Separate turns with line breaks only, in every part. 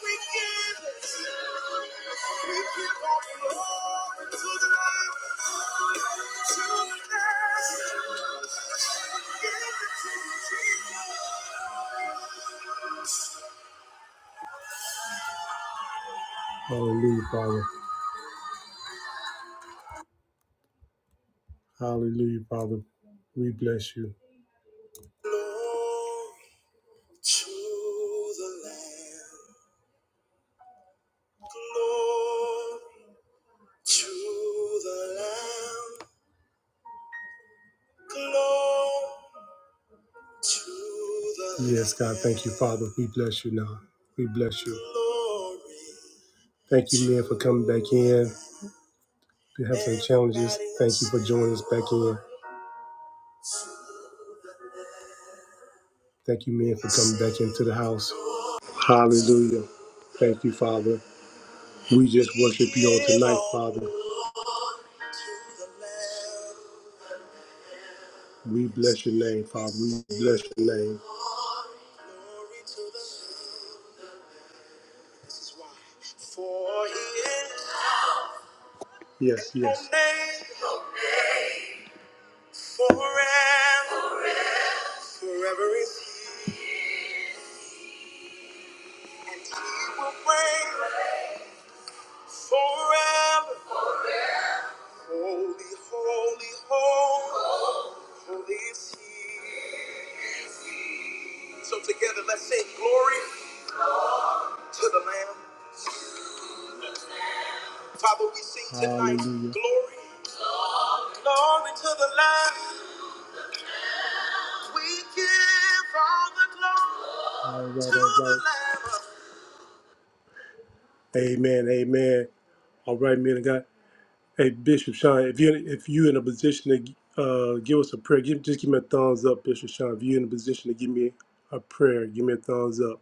We give it to you. We give all glory to the Lamb. To the Lamb. Give it to you, Jesus. Hallelujah, Father. Hallelujah, Father. We bless you. Glory to the Lamb. Glory to the Lamb. Glory. Yes, God, thank you, Father. We bless you now. We bless you. Thank you, men, for coming back in. We have some challenges. Thank you for joining us back in. Thank you, men, for coming back into the house. Hallelujah. Thank you, Father. We just worship you on tonight, Father. We bless your name, Father. We bless your name. Yes, yes. Forever, forever is he will reign. Forever, holy, holy, holy, holy is he. So together, let's sing glory to the Lamb. Father, we sing tonight Hallelujah. glory, glory to the Lamb. We give all the glory All right, to all right. the Lamb. Amen, amen. All right, man of God. Hey, Bishop Sean, if you if you in a position to uh, give us a prayer, give, just give me a thumbs up, Bishop Sean. If you're in a position to give me a prayer, give me a thumbs up.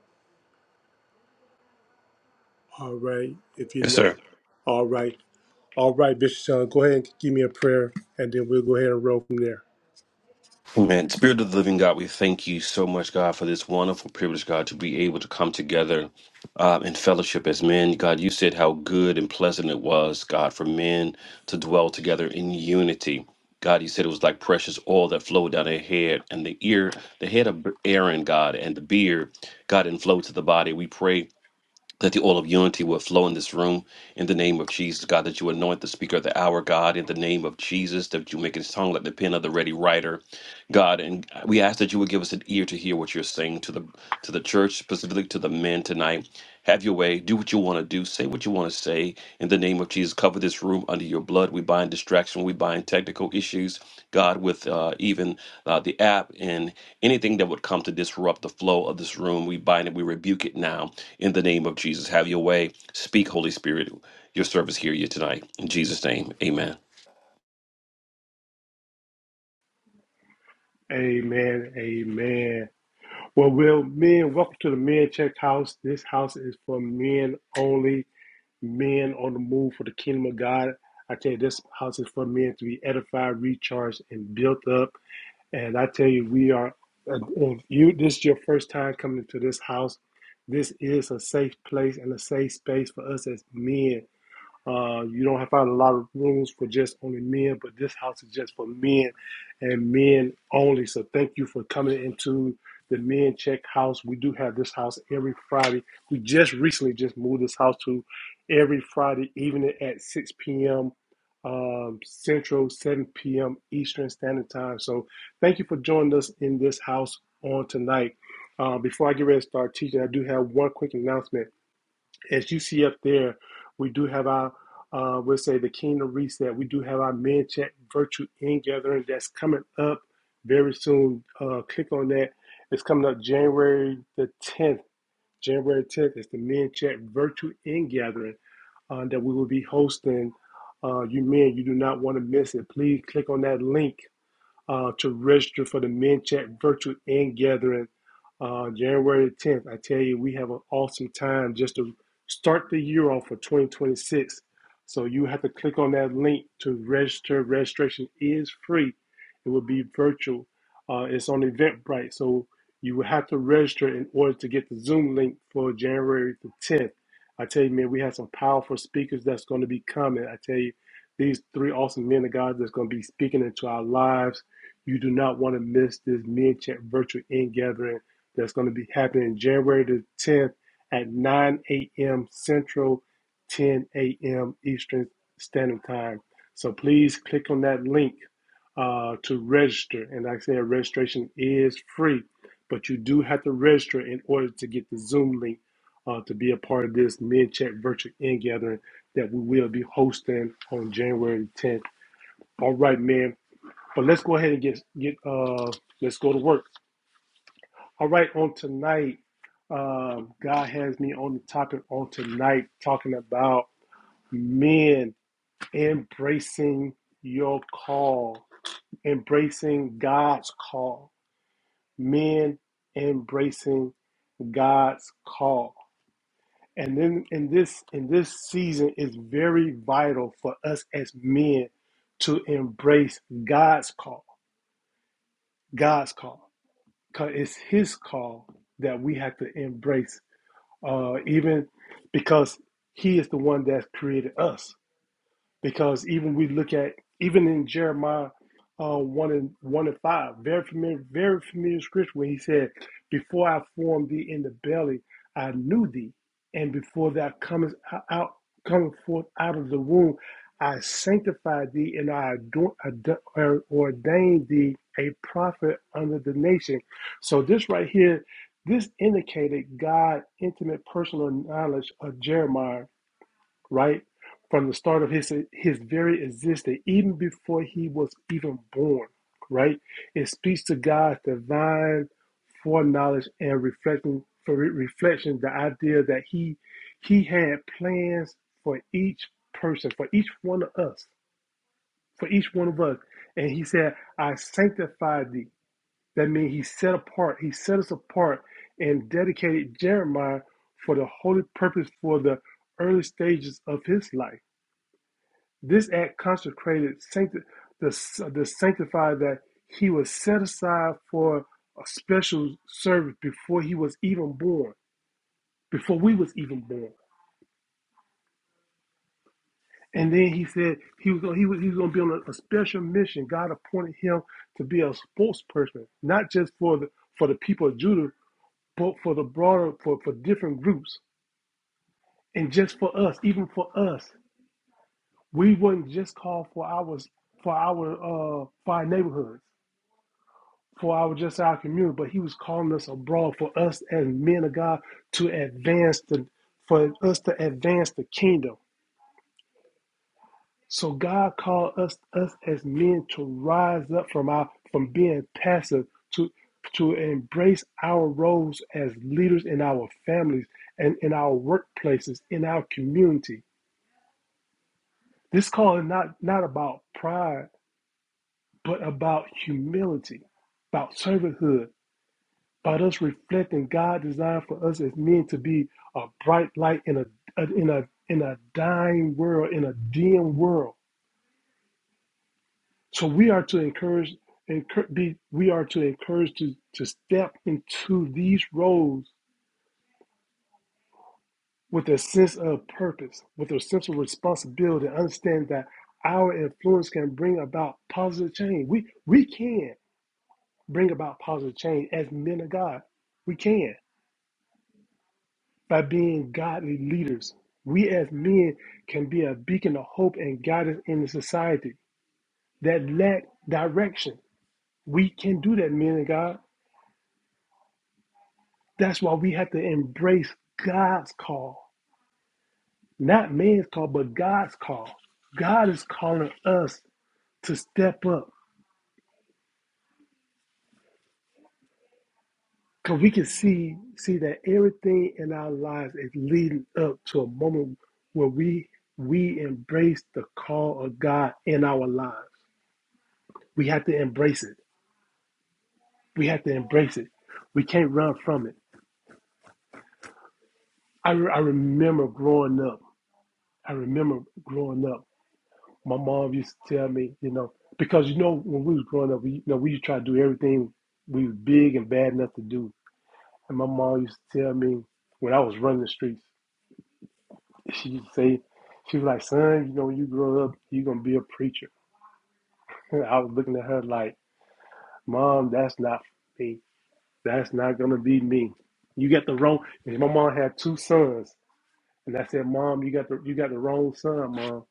All right. If you're
Yes,
not,
sir.
all right, all right, Bishop Sean, go ahead and give me a prayer, and then we'll go ahead and roll from there.
Amen. Spirit of the living God, we thank you so much, God, for this wonderful privilege, God, to be able to come together uh, in fellowship as men. God, you said how good and pleasant it was, God, for men to dwell together in unity. God, you said it was like precious oil that flowed down their head and the ear, the head of Aaron, God, and the beard, God, and flowed to the body. We pray that the oil of unity will flow in this room in the name of Jesus, God, that you anoint the speaker of the hour, God, in the name of Jesus, that you make his tongue like the pen of the ready writer, God. And we ask that you would give us an ear to hear what you're saying to the to the church, specifically to the men tonight. Have your way. Do what you want to do. Say what you want to say. In the name of Jesus, cover this room under your blood. We bind distraction. We bind technical issues, God, with uh, even uh, the app and anything that would come to disrupt the flow of this room. We bind it. We rebuke it now in the name of Jesus, have your way. Speak, Holy Spirit. Your service here you tonight. In Jesus' name, amen.
Amen. Amen. Well, well, men, welcome to the Men Check House. This house is for men only. Men on the move for the kingdom of God. I tell you, this house is for men to be edified, recharged, and built up. And I tell you, we are, uh, if you, this is your first time coming to this house, this is a safe place and a safe space for us as men uh, you don't have find a lot of rooms for just only men, but this house is just for men and men only. So thank you for coming into the Men Check House. We do have this house every Friday. We just recently just moved this house to every Friday evening at 6 p.m. Um, Central, 7 p.m. Eastern Standard Time. So thank you for joining us in this house on tonight. Uh, before I get ready to start teaching, I do have one quick announcement as you see up there, we do have our, uh, we'll say the Kingdom Reset. We do have our Men Chat Virtual In Gathering that's coming up very soon. Uh, click on that. It's coming up January the 10th. January 10th is the Men Chat Virtual In Gathering uh, that we will be hosting. Uh, you men, you do not want to miss it. Please click on that link uh, to register for the Men Chat virtual and gathering uh, January 10th. I tell you, we have an awesome time just to start the year off for 2026. So you have to click on that link to register. Registration is free. It will be virtual. Uh, it's on Eventbrite, so you will have to register in order to get the Zoom link for January the 10th. I tell you, man, we have some powerful speakers that's going to be coming. I tell you, these three awesome men of God that's going to be speaking into our lives you do not want to miss this MenChat virtual in gathering that's going to be happening January the 10th at 9 a.m. Central, 10 a.m. Eastern Standard Time. So please click on that link uh, to register. And like I said, registration is free, but you do have to register in order to get the Zoom link uh, to be a part of this MenChat virtual in gathering that we will be hosting on January the 10th. All right, man. But let's go ahead and get get uh let's go to work. All right, on tonight, um, God has me on the topic on tonight talking about men embracing your call, embracing God's call. Men embracing God's call. And then in this in this season is very vital for us as men to embrace God's call. God's call. it's his call that we have to embrace uh, even because he is the one that created us because even we look at even in Jeremiah uh, one and one and five, very familiar, very familiar scripture where he said, "Before I formed thee in the belly, I knew thee, and before thou comest out, coming forth out of the womb, I sanctified thee, and I ador- ad- or- ordained thee a prophet under the nation." So this right here, this indicated God' intimate personal knowledge of Jeremiah right? From the start of his his very existence, even before he was even born, right? It speaks to God's divine foreknowledge and reflection for reflection, the idea that he he had plans for each person, for each one of us, for each one of us. And he said, I sanctified thee. That means he set apart, he set us apart and dedicated Jeremiah for the holy purpose for the early stages of his life this act consecrated sancti- the, the sanctified that he was set aside for a special service before he was even born, before we was even born. And then he said he was gonna, he was he was going to be on a, a special mission. God appointed him to be a spokesperson, not just for the for the people of Judah, but for the broader for for different groups, and just for us, even for us. We would not just call for our for our uh for our neighborhoods. for our just our community, but he was calling us abroad for us as men of God to advance the for us to advance the kingdom. So God called us us as men to rise up from our from being passive to to embrace our roles as leaders in our families and in our workplaces, in our community. This call is not, not about pride, but about humility, about servanthood by us reflecting God's design for us as men to be a bright light in a, a in a in a dying world, in a dim world. So we are to encourage, encourage be, we are to encourage to to step into these roles with a sense of purpose, with a sense of responsibility, understand that our influence can bring about positive change. We we can bring about positive change as men of God. We can. by being godly leaders. We as men can be a beacon of hope and guidance in the society that lack direction. We can do that, men and God. That's why we have to embrace God's call, not man's call, but God's call. God is calling us to step up because we can see see that everything in our lives is leading up to a moment where we we embrace the call of God in our lives. We have to embrace it. We have to embrace it. We can't run from it. I, re- I remember growing up. I remember growing up. My mom used to tell me, you know, because you know when we was growing up, we you know we used to try to do everything we was big and bad enough to do. And my mom used to tell me when I was running the streets, she used to say, she was like, son, you know, when you grow up, you're gonna be a preacher. And I was looking at her like, mom, that's not me. That's not gonna be me. You got the wrong. And my mom had two sons. And I said, Mom, you got the you got the wrong son, Mom.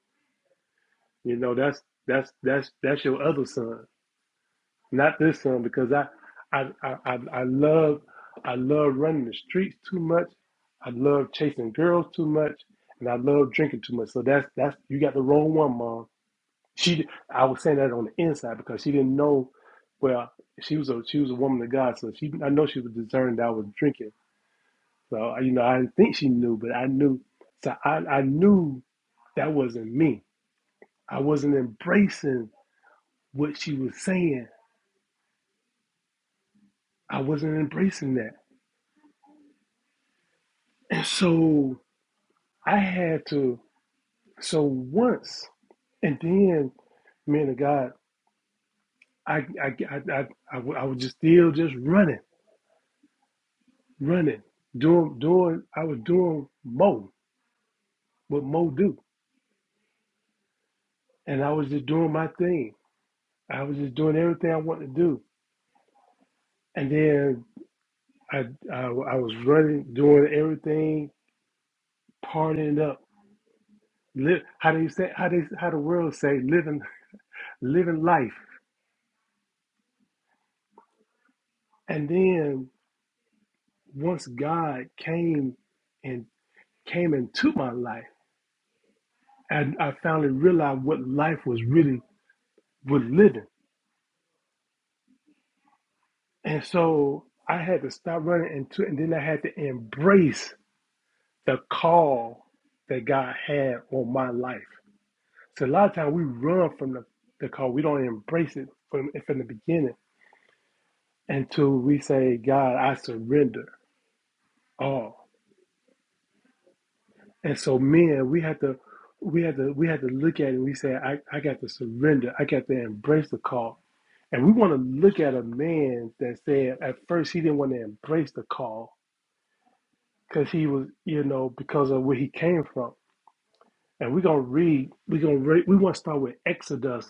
You know, that's that's that's that's your other son, not this son, because I I I, I, I love I love running the streets too much. I love chasing girls too much, and I love drinking too much. So that's that's you got the wrong one, Mom. She I was saying that on the inside because she didn't know. Well, she was a she was a woman of God, so she I know she was discerning that I was drinking. So you know, I didn't think she knew, but I knew. So I I knew that wasn't me. I wasn't embracing what she was saying. I wasn't embracing that. And so I had to, so once, and then, man of God, I, I, I, I, I, I was just still just running, running, doing, doing, I was doing Mo, what Mo do. And I was just doing my thing. I was just doing everything I wanted to do. And then I, I, I was running, doing everything, partying up Live how they say how they how the world say living living life. And then once God came and came into my life, and I finally realized what life was really was living. And so I had to stop running into it, and then I had to embrace the call that God had on my life. So a lot of times we run from the, the call. We don't embrace it from from the beginning until we say, God, I surrender all. And so men, we had to we had to we had to look at it and we say, I, I got to surrender. I got to embrace the call. And we want to look at a man that said at first he didn't want to embrace the call because he was, you know, because of where he came from. And we're gonna read, we're gonna read we want to start with Exodus,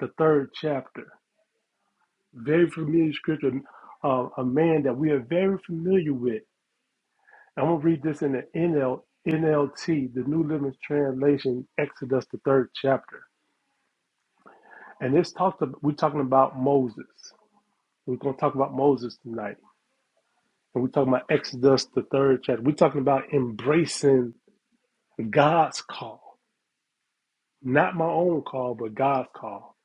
the third chapter. Very familiar scripture, uh, a man that we are very familiar with. I'm gonna read this in the NL, NLT, the New Living Translation, Exodus the third chapter. And this talks. About, we're talking about Moses. We're going to talk about Moses tonight, and we're talking about Exodus, the third chapter. We're talking about embracing God's call, not my own call, but God's call.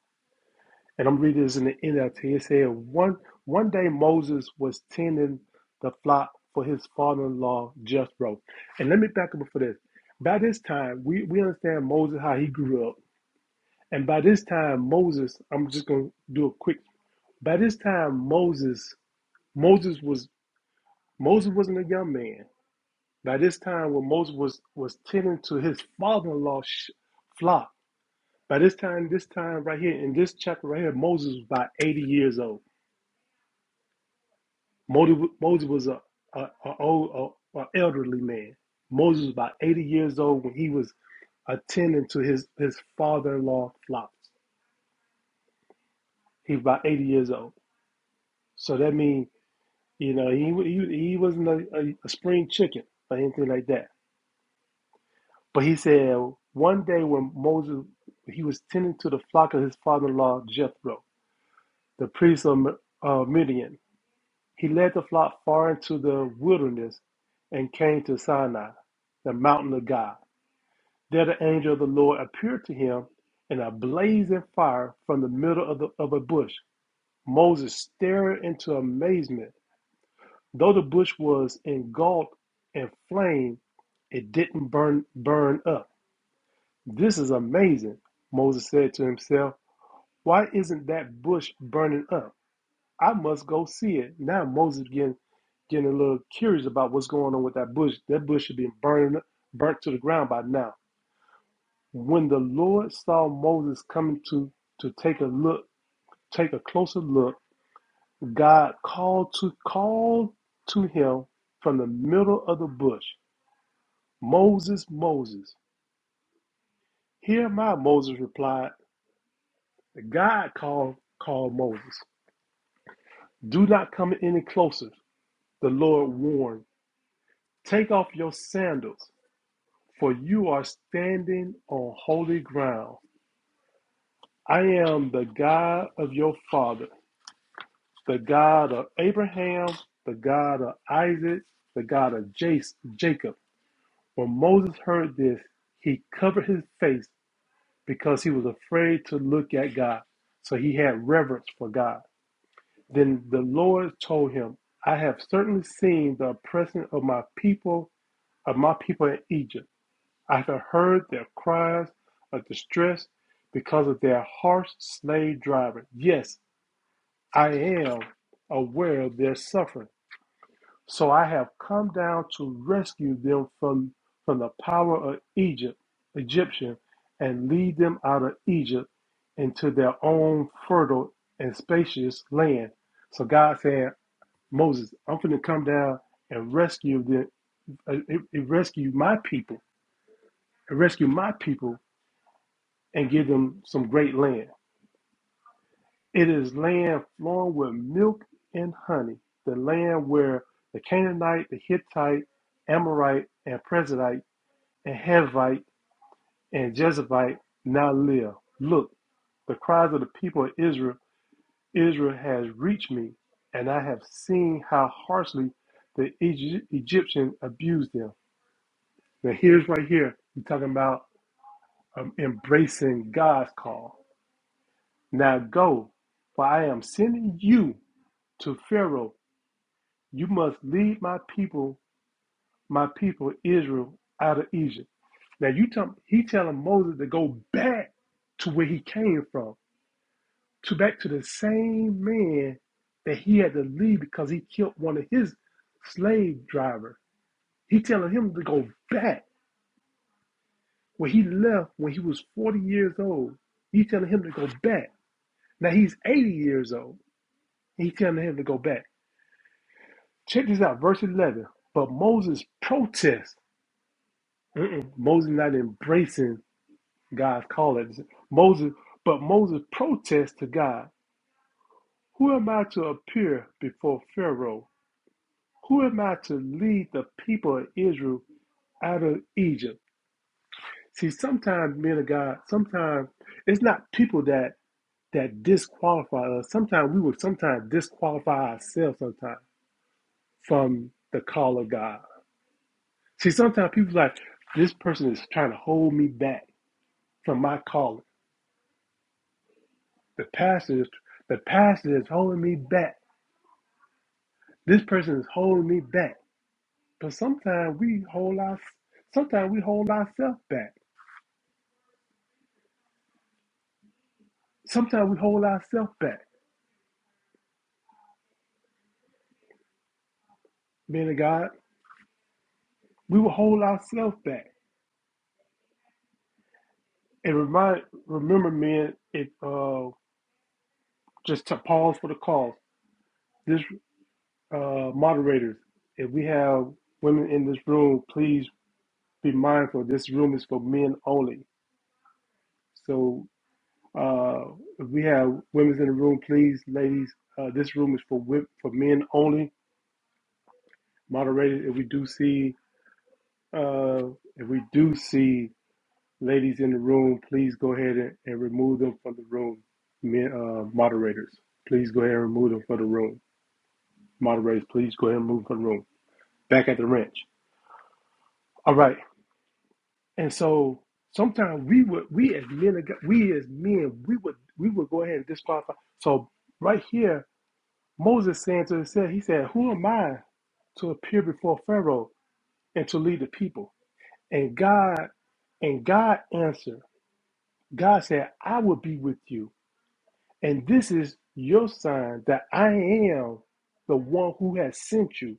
And I'm reading this in the NLT. It said, "One one day Moses was tending the flock for his father-in-law Jethro." And let me back up for this. By this time, we we understand Moses how he grew up, and by this time, Moses. I'm just going to do a quick. By this time, Moses Moses was Moses wasn't a young man. By this time, when Moses was was tending to his father-in-law's sh- flock, by this time, this time right here in this chapter right here, Moses was about eighty years old. Moses, Moses was a, a, a old a, a elderly man. Moses was about eighty years old when he was attending to his his father-in-law flocks. He was about eighty years old, so that means you know he he, he wasn't a, a, a spring chicken or anything like that. But he said one day when Moses he was tending to the flock of his father-in-law Jethro, the priest of uh, Midian, he led the flock far into the wilderness and came to Sinai, the mountain of God. There the angel of the Lord appeared to him in a blazing fire from the middle of, the, of a bush. Moses stared into amazement. Though the bush was engulfed in flame, it didn't burn burn up. This is amazing, Moses said to himself. Why isn't that bush burning up? I must go see it. Now Moses getting getting a little curious about what's going on with that bush. That bush should be burning up- burnt to the ground by now. When the Lord saw Moses coming to to take a look, take a closer look, God called to called to him from the middle of the bush. Moses, Moses. Here my Moses replied. God called called Moses. Do not come any closer, the Lord warned. Take off your sandals, for you are standing on holy ground. I am the God of your father, the God of Abraham, the God of Isaac, the God of Jacob. When Moses heard this, he covered his face because he was afraid to look at God. So he had reverence for God. Then the Lord told him, I have certainly seen the oppression of my people of my people in Egypt. I have heard their cries of distress because of their harsh slave driver. Yes, I am aware of their suffering. So I have come down to rescue them from, from the power of Egypt, Egyptian, and lead them out of Egypt into their own fertile and spacious land. So God said, Moses, I'm going to come down and rescue them, uh, uh, rescue my people rescue my people and give them some great land. It is land flowing with milk and honey, the land where the Canaanite, the Hittite, Amorite, and Perizzite and Hivite and Jezebite now live. Look, the cries of the people of Israel, Israel has reached me, and I have seen how harshly the Egy- Egyptians abused them. Now, here's right here, you're talking about um, embracing God's call Now go, for I am sending you to Pharaoh. You must lead my people, my people Israel, out of Egypt. Now you tell he telling Moses to go back to where he came from, to back to the same man that he had to leave because he killed one of his slave drivers. He telling him to go back where he left when he was 40 years old. He telling him to go back. Now he's 80 years old. He telling him to go back. Check this out, verse 11. But Moses protests. Mm-mm, Moses not embracing God's call. Moses, but Moses protests to God, Who am I to appear before Pharaoh? Who am I to lead the people of Israel out of Egypt? See, sometimes men of God, sometimes it's not people that that disqualify us. Sometimes we will sometimes disqualify ourselves sometimes from the call of God. See, sometimes people like this person is trying to hold me back from my calling. The pastor is the pastor is holding me back. This person is holding me back. But sometimes we hold our sometimes we hold ourselves back. Sometimes we hold ourselves back. Men of God, we will hold ourselves back. And remind remember, men, if uh just to pause for the call. This uh moderators, if we have women in this room, please be mindful this room is for men only so uh if we have women's in the room please ladies uh this room is for wo- for men only moderated if we do see uh if we do see ladies in the room please go ahead and, and remove them from the room men uh moderators please go ahead and remove them from the room moderators please go ahead and move from the room back at the ranch all right And so sometimes we would we as men of God- we as men we would we would go ahead and disqualify. So right here, Moses saying to himself, he said, "Who am I to appear before Pharaoh and to lead the people?" And God and God answered. God said, "I will be with you, and this is your sign that I am the one who has sent you."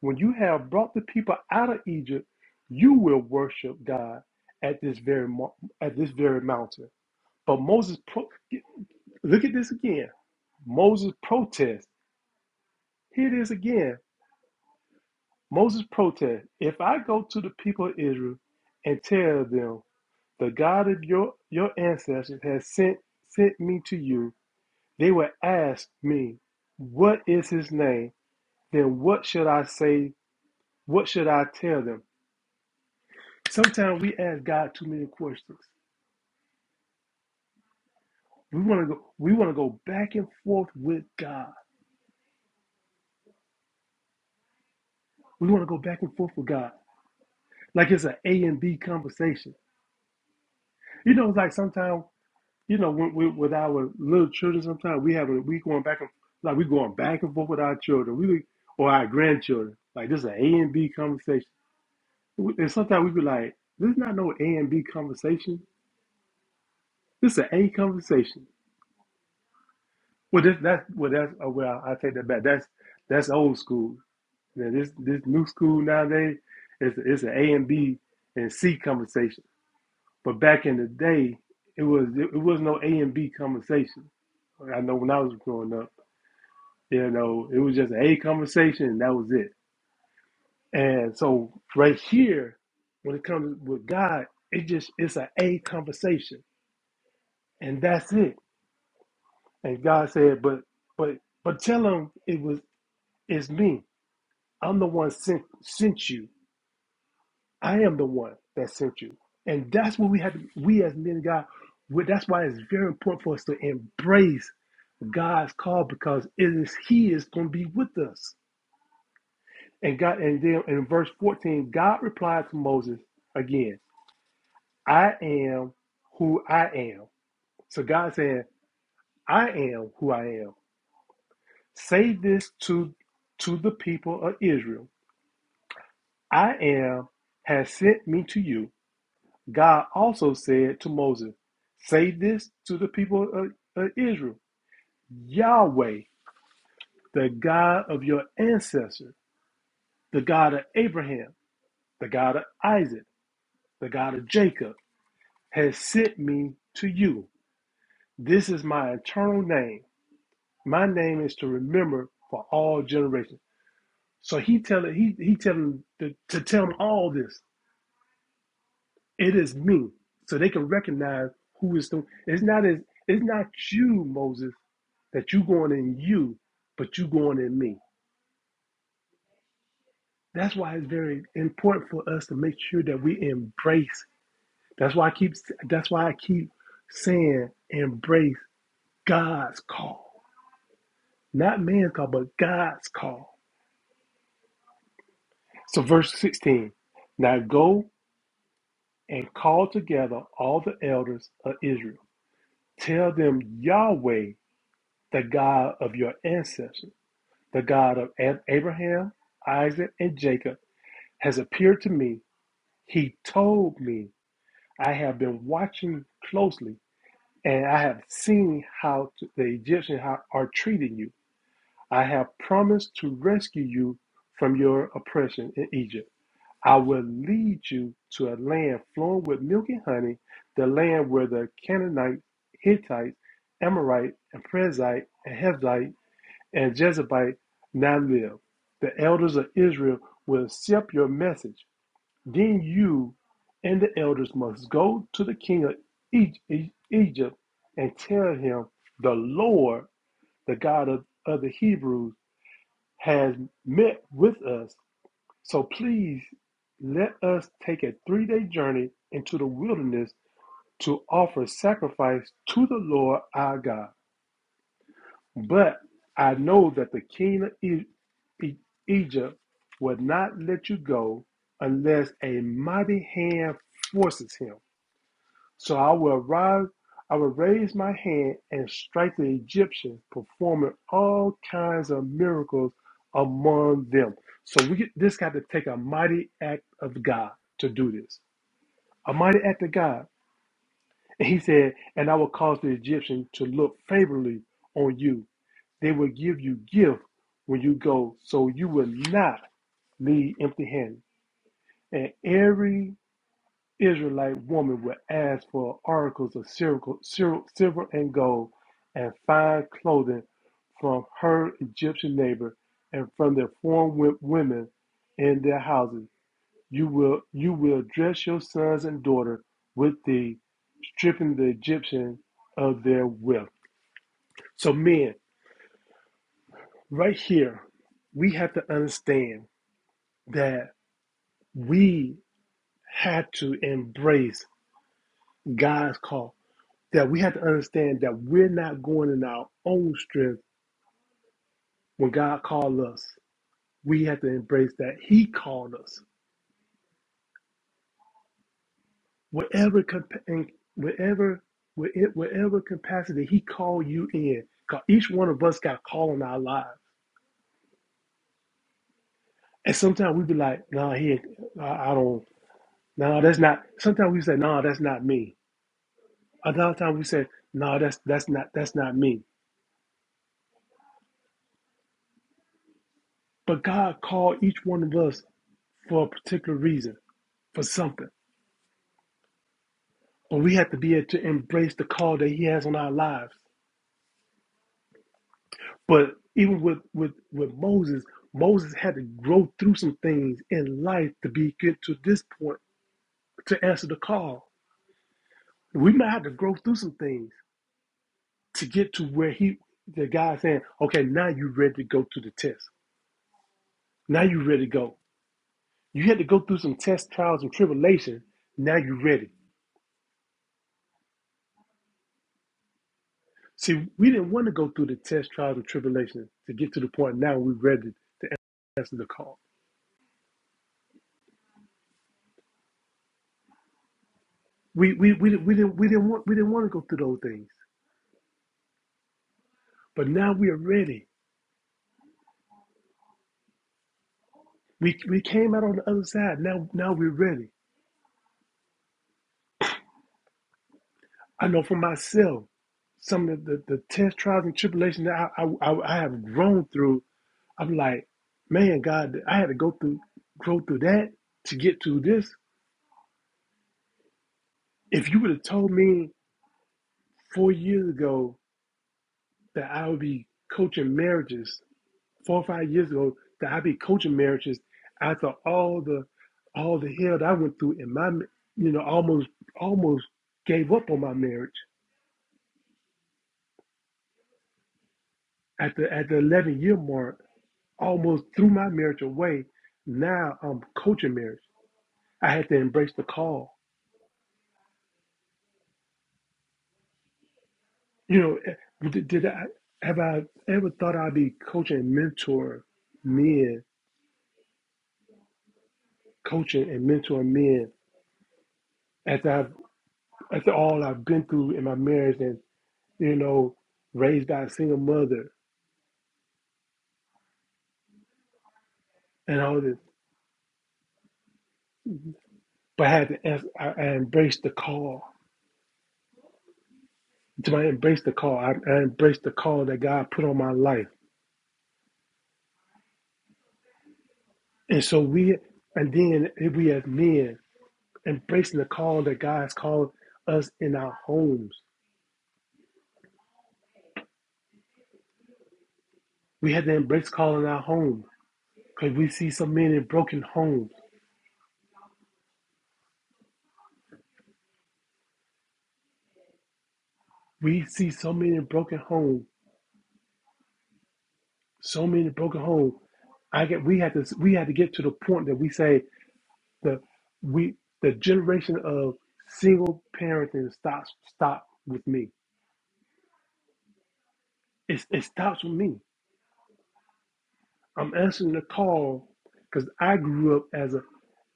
When you have brought the people out of Egypt, you will worship God at this very mo- at this very mountain. But Moses, pro- look at this again. Moses protests. Here it is again. Moses protests. If I go to the people of Israel and tell them the God of your your ancestors has sent sent me to you, they will ask me, "What is his name?" Then what should I say? What should I tell them? Sometimes we ask God too many questions. We want to go. We want to go back and forth with God. We want to go back and forth with God, like it's an A and B conversation. You know, it's like sometimes you know when, we, with our little children. Sometimes we have a, we going back and like we going back and forth with our children. We or our grandchildren. Like this is an A and B conversation. And sometimes we be like, this is not no A and B conversation. This is an A conversation. Well, that, that's well, that's oh, well. I take that back. That's that's old school Yeah, this this new school nowadays is it's an A and B and C conversation. But back in the day, it was it was no A and B conversation. I know when I was growing up, you know, it was just an A conversation and that was it. And so right here, when it comes with God, it just it's an A conversation and that's it. And God said, but but but tell him it was it's me. I'm the one sent sent you. I am the one that sent you. And that's what we have to, we as men of God, we- that's why it's very important for us to embrace God's call because it is He is going to be with us. And God, and then in verse 14, God replied to Moses again, I am who I am. So God saying, I am who I am. Say this to to the people of Israel. I am has sent me to you. God also said to Moses, Say this to the people of, Israel Yahweh, the God of your ancestors, the God of Abraham, the God of Isaac, the God of Jacob, has sent me to you. This is my eternal name. My name is to remember for all generations. So he telling he he telling to, to tell them all this. It is me, so they can recognize who is the. It's not as it's not you, Moses that you going in you, but you going in me. That's why it's very important for us to make sure that we embrace. That's why I keep that's why I keep saying embrace God's call. Not man's call, but God's call. So verse 16. Now go and call together all the elders of Israel. Tell them Yahweh, the God of your ancestors, the God of Abraham, Isaac, and Jacob, has appeared to me He told me, I have been watching closely and I have seen how the Egyptians are treating you. I have promised to rescue you from your oppression in Egypt. I will lead you to a land flowing with milk and honey, the land where the Canaanites, Hittites, Amorite, and Prezite, and Hevite, and Jezebite now live. The elders of Israel will accept your message. Then you and the elders must go to the king of E- E- Egypt and tell him, The Lord, the God of, of the Hebrews, has met with us. So please let us take a three day journey into the wilderness to offer sacrifice to the Lord our God. But I know that the king of E- E- Egypt will not let you go unless a mighty hand forces him. So I will rise, I will raise my hand and strike the Egyptians, performing all kinds of miracles among them. So we get, this got to take a mighty act of God to do this. A mighty act of God. And he said, and I will cause the Egyptians to look favorably on you. They will give you gift when you go, so you will not leave empty handed. And every Israelite woman would ask for articles of silver silver and gold and fine clothing from her Egyptian neighbor and from their foreign women in their houses. You will you will dress your sons and daughter with thee, stripping the Egyptian of their wealth. So men, right here, we have to understand that we have to embrace God's call that we have to understand that we're not going in our own strength when God called us. We have to embrace that He called us. Whatever, compa- in- whatever, whe- whatever capacity He called you in, 'cause each one of us got called in our lives. And sometimes we be like, "Nah, he, ain't- I, I don't. Nah, that's not." Sometimes we say, "Nah, that's not me." Another time we say, "Nah, that's that's not that's not me." But God called each one of us for a particular reason, for something. But we have to be able to embrace the call that he has on our lives. But even with with with Moses, Moses had to grow through some things in life to be get to this point to answer the call. We might have to grow through some things to get to where he the guy saying, Okay, now you are ready to go to the test. Now you are ready to go. You had to go through some test trials and tribulation. Now you are ready. See, we didn't want to go through the test trials and tribulation to get to the point now we're ready to answer the call. We we we, didn't- we didn't we didn't want we didn't want to go through those things. But now we are ready. We we came out on the other side. Now now we're ready. I know for myself some of the, the, the test trials and tribulations that I I I have grown through. I'm like, man, God, I had to go through grow through that to get to this. If you would have told me four years ago that I would be coaching marriages four or five years ago that I be coaching marriages after all the all the hell that I went through in my you know almost almost gave up on my marriage at the at the eleven year mark almost threw my marriage away. Now I'm coaching marriage. I had to embrace the call. You know, eh, did, did I have I ever thought I'd be coaching and mentor men, coaching and mentoring men after I've after all I've been through in my marriage and. you know, raised by a single mother and all this. But I had to, ans- I, I embraced the call. To my embrace the call, I, I embraced the call that God put on my life. And so we, and then we as men, embracing the call that God has called us in our homes. We had to embrace call in our home because we see so many broken homes. We see so many broken homes, so many broken homes. I get we had to we had to get to the point that we say The we the generation of single parenting stops stop with me. It it stops with me. I'm answering the call because I grew up as a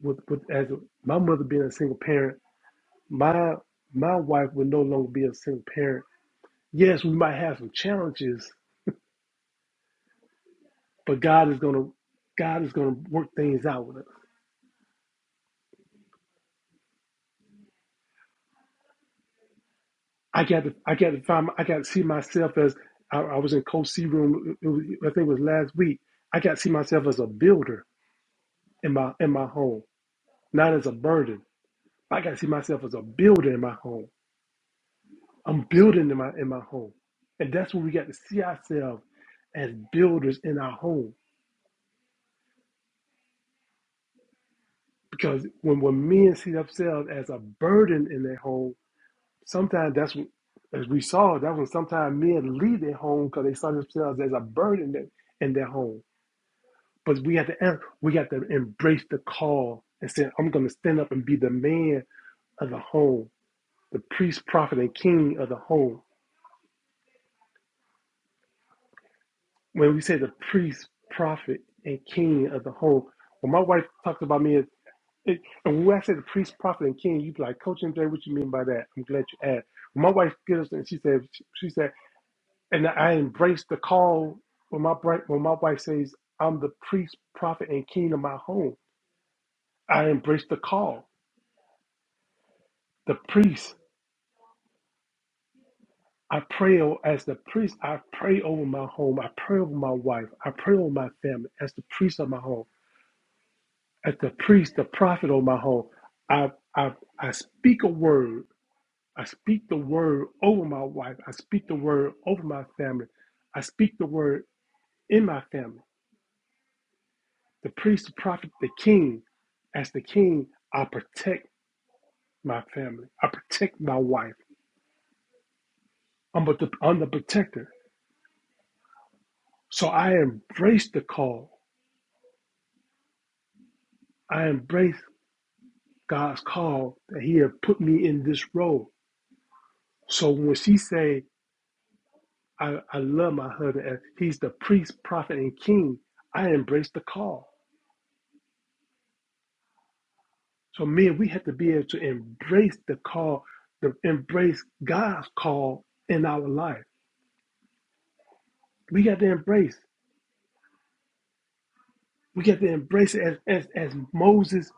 with, with as a, my mother being a single parent. My my wife would no longer be a single parent. Yes, we might have some challenges, but God is gonna God is gonna work things out with us. I got to I got to find I got to see myself as I, I was in Coach C room. It was, I think it was last week. I got to see myself as a builder. in my in my home, not as a burden. I got to see myself as a builder in my home. I'm building in my in my home, and that's where we got to see ourselves as builders in our home. Because when when men see themselves as a burden in their home, sometimes that's what, as we saw. That's when sometimes men leave their home because they saw themselves as a burden in in their home. But we have to we got to embrace the call and say, I'm going to stand up and be the man of the home, the priest, prophet, and king of the home when we say the priest, prophet, and king of the home, when my wife talks about me as it, and when I say the priest, prophet, and king, you be like, Coach MJ, what you mean by that? I'm glad you asked. When my wife gets us and she said, she said, and I embrace the call when my bri- when my wife says, I'm the priest, prophet, and king of my home. I embrace the call. The priest, I pray o- as the priest. I pray over my home. I pray over my wife. I pray over my family as the priest of my home. as the priest, the prophet over my home, I, I, I speak a word. I speak the word over my wife. I speak the word over my family. I speak the word in my family. The priest, the prophet, the king. As the king, I protect my family. I protect my wife. I'm, a, I'm the protector. So I embrace the call. I embrace God's call that He had put me in this role. So when she say, I, I love my husband as he's the priest, prophet, and king. I embrace the call. So men, we have to be able to embrace the call, to embrace God's call in our life. We got to embrace. We got to embrace it as as, as Moses.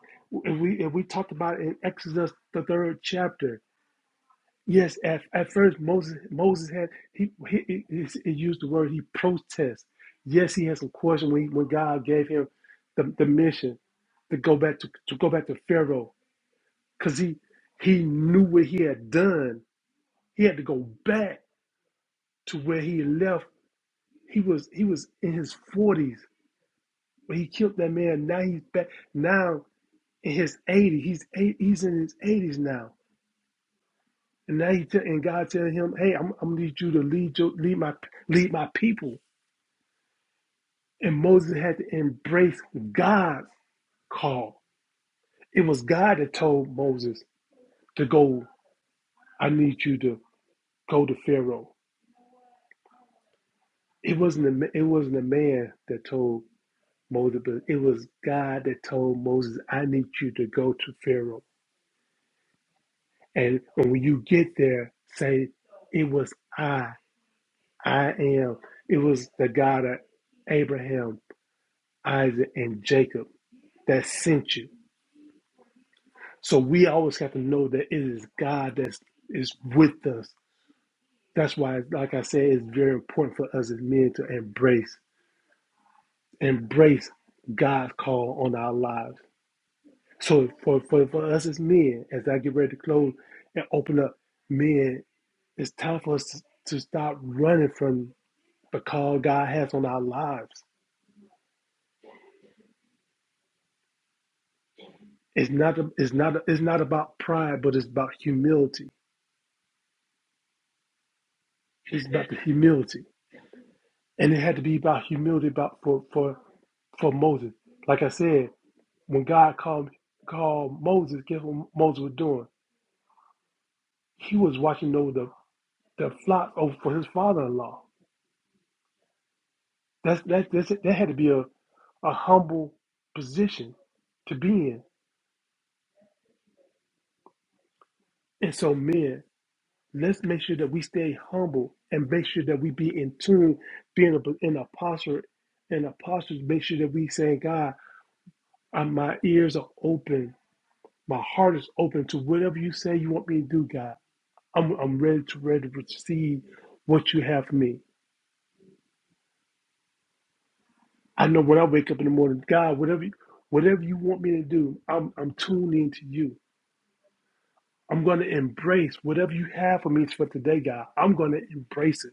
And we and we talked about it in Exodus the third chapter Yes, at, at first Moses Moses had he, he, he, he used the word he protests. Yes, he had some question when, he, when God gave him the, the mission to go back to, to go back to Pharaoh because he he knew what he had done. He had to go back to where he left. He was he was in his forties when he killed that man. Now he's back now in his eighties. He's eight, he's in his eighties now. And now he tell, and God telling him, "Hey, I'm, I'm gonna need you to lead your, lead my lead my people." And Moses had to embrace God's call. It was God that told Moses to go. I need you to go to Pharaoh. It wasn't a, it wasn't a man that told Moses, but it was God that told Moses, "I need you to go to Pharaoh." And when you get there, say, "It was I. I am." It was the God of Abraham, Isaac, and Jacob that sent you. So we always have to know that it is God that is with us. That's why, like I said, it's very important for us as men to embrace, embrace God's call on our lives. So for, for, for us as men, as I get ready to close and open up, men, it's time for us to, to stop running from the call God has on our lives. It's not, it's not, it's not about pride, but it's about humility. It's about the humility And it had to be about humility about for, for, for Moses. Like I said, when God called called Moses, guess what Moses was doing? He was watching over the, the flock over for his father in law. That's that that's that had to be a, a humble position to be in. And so men, let's make sure that we stay humble and make sure that we be in tune, be in a in a posture, in a posture, to make sure that we say, God, uh, my ears are open My heart is open to whatever you say you want me to do, God. I'm, I'm ready to ready to receive what you have for me. I know when I wake up in the morning, God, whatever you- whatever you want me to do, I'm I'm tuned into you. I'm going to embrace whatever you have for me for today, God. I'm going to embrace it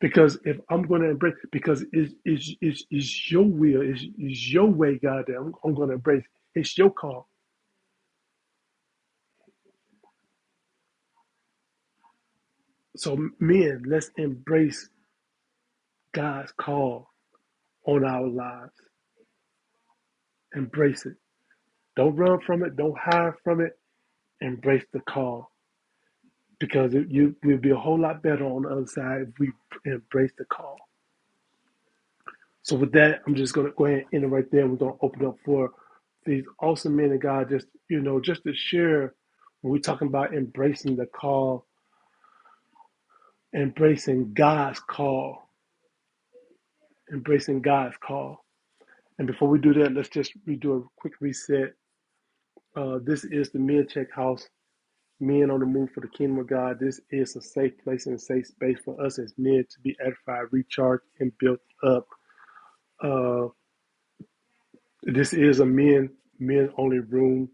because if I'm going to embrace, because it's it's, it's, it's your will, it's, it's your way, God. That I'm, I'm going to embrace. It's your call. So men, let's embrace God's call on our lives. Embrace it Don't run from it. Don't hide from it. Embrace the call because it, you we'll be a whole lot better on the other side if we embrace the call. So with that, I'm just gonna go ahead and end it right there. We're gonna open up for these awesome men of God. Just you know, just to share when we're talking about embracing the call, embracing God's call, embracing God's call. And before we do that, let's just redo a quick reset. Uh, this is the Men Check House. Men on the move for the kingdom of God. This is a safe place and a safe space for us as men to be edified, recharged, and built up. Uh, this is a men men only room,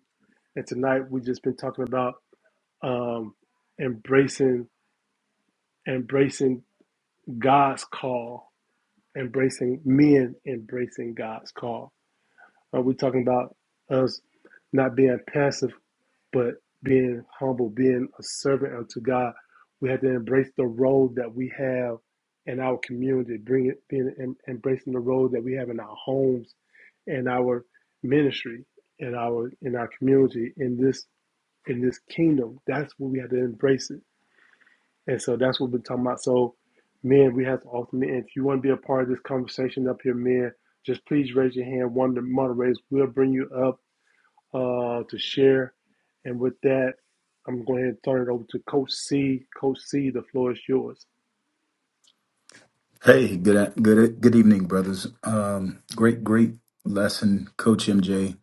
and tonight we've just been talking about um, embracing embracing God's call, embracing men, embracing God's call. Uh, we're talking about us not being passive but being humble, being a servant unto God, we have to embrace the role that we have in our community, bring it, being em, embracing the role that we have in our homes, in our ministry, in our in our community, in this in this kingdom. That's what we have to embrace it, and so that's what we're talking about. So, men, we have to ultimately. And if you want to be a part of this conversation up here, men, just please raise your hand. One of the moderators will bring you up uh, to share. And with that, I'm going to turn it over to Coach C. Coach C, the floor is yours.
Hey, good good e, good evening, brothers. Um, great great lesson, Coach MJ.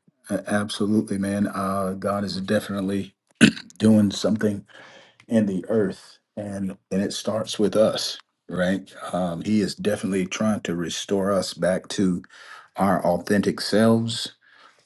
Absolutely, man. Uh, God is definitely doing something in the earth, and and it starts with us, right? Um, he is definitely trying to restore us back to our authentic selves,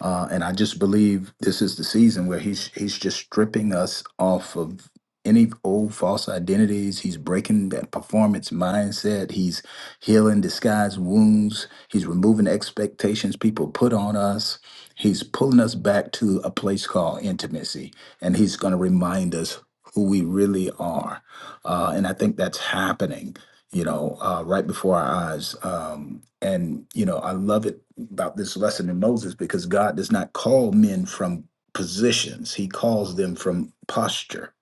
uh, and I just believe this is the season where he's he's just stripping us off of any old false identities. He's breaking that performance mindset. He's healing disguised wounds. He's removing expectations people put on us. He's pulling us back to a place called intimacy, and he's going to remind us who we really are. Uh, and I think that's happening you know, uh, right before our eyes. Um, and, you know, I love it about this lesson in Moses because God does not call men from positions, He calls them from posture,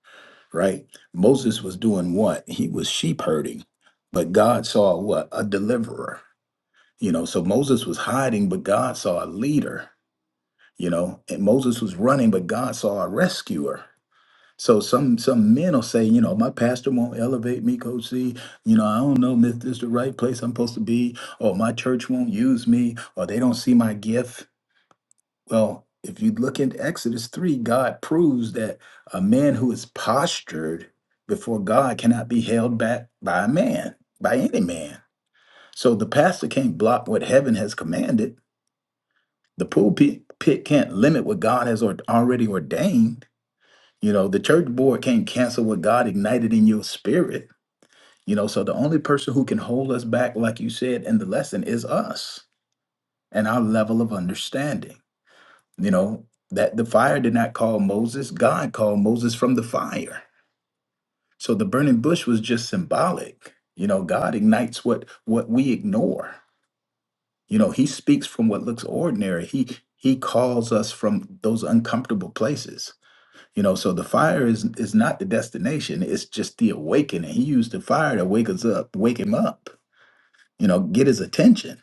right? Moses was doing what? He was sheep herding, but God saw what? A deliverer, you know. So Moses was hiding, but God saw a leader, you know, and Moses was running, but God saw a rescuer so some some men will say, you know, my pastor won't elevate me, Coach C. You know, I don't know if this is the right place I'm supposed to be, or my church won't use me, or they don't see my gift. Well, if you look into Exodus 3, God proves that a man who is postured before God cannot be held back by a man, by any man. So the pastor can't block what heaven has commanded. The pulpit pit can't limit what God has or- already ordained you know, the church board can't cancel what God ignited in your spirit. You know, so the only person who can hold us back, like you said in the lesson, is us and our level of understanding. You know, that the fire did not call Moses, God called Moses from the fire. So the burning bush was just symbolic. You know, God ignites what what we ignore. You know, he speaks from what looks ordinary. He he calls us from those uncomfortable places You know, so the fire is is not the destination, it's just the awakening. He used the fire to wake us up, wake him up, you know, get his attention,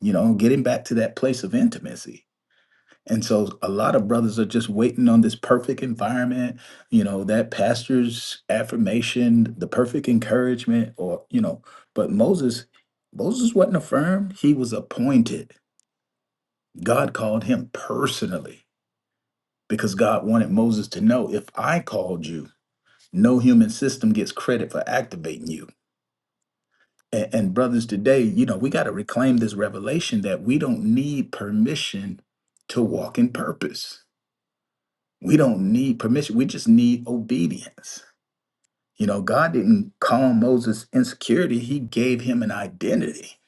you know, get him back to that place of intimacy. And so a lot of brothers are just waiting on this perfect environment, you know, that pastor's affirmation, the perfect encouragement, or, you know, but Moses, Moses wasn't affirmed, he was appointed. God called him personally because God wanted Moses to know if I called you no human system gets credit for activating you. And, and brothers, today, you know, we got to reclaim this revelation that we don't need permission to walk in purpose. We don't need permission. We just need obedience. You know, God didn't call Moses insecurity, He gave him an identity.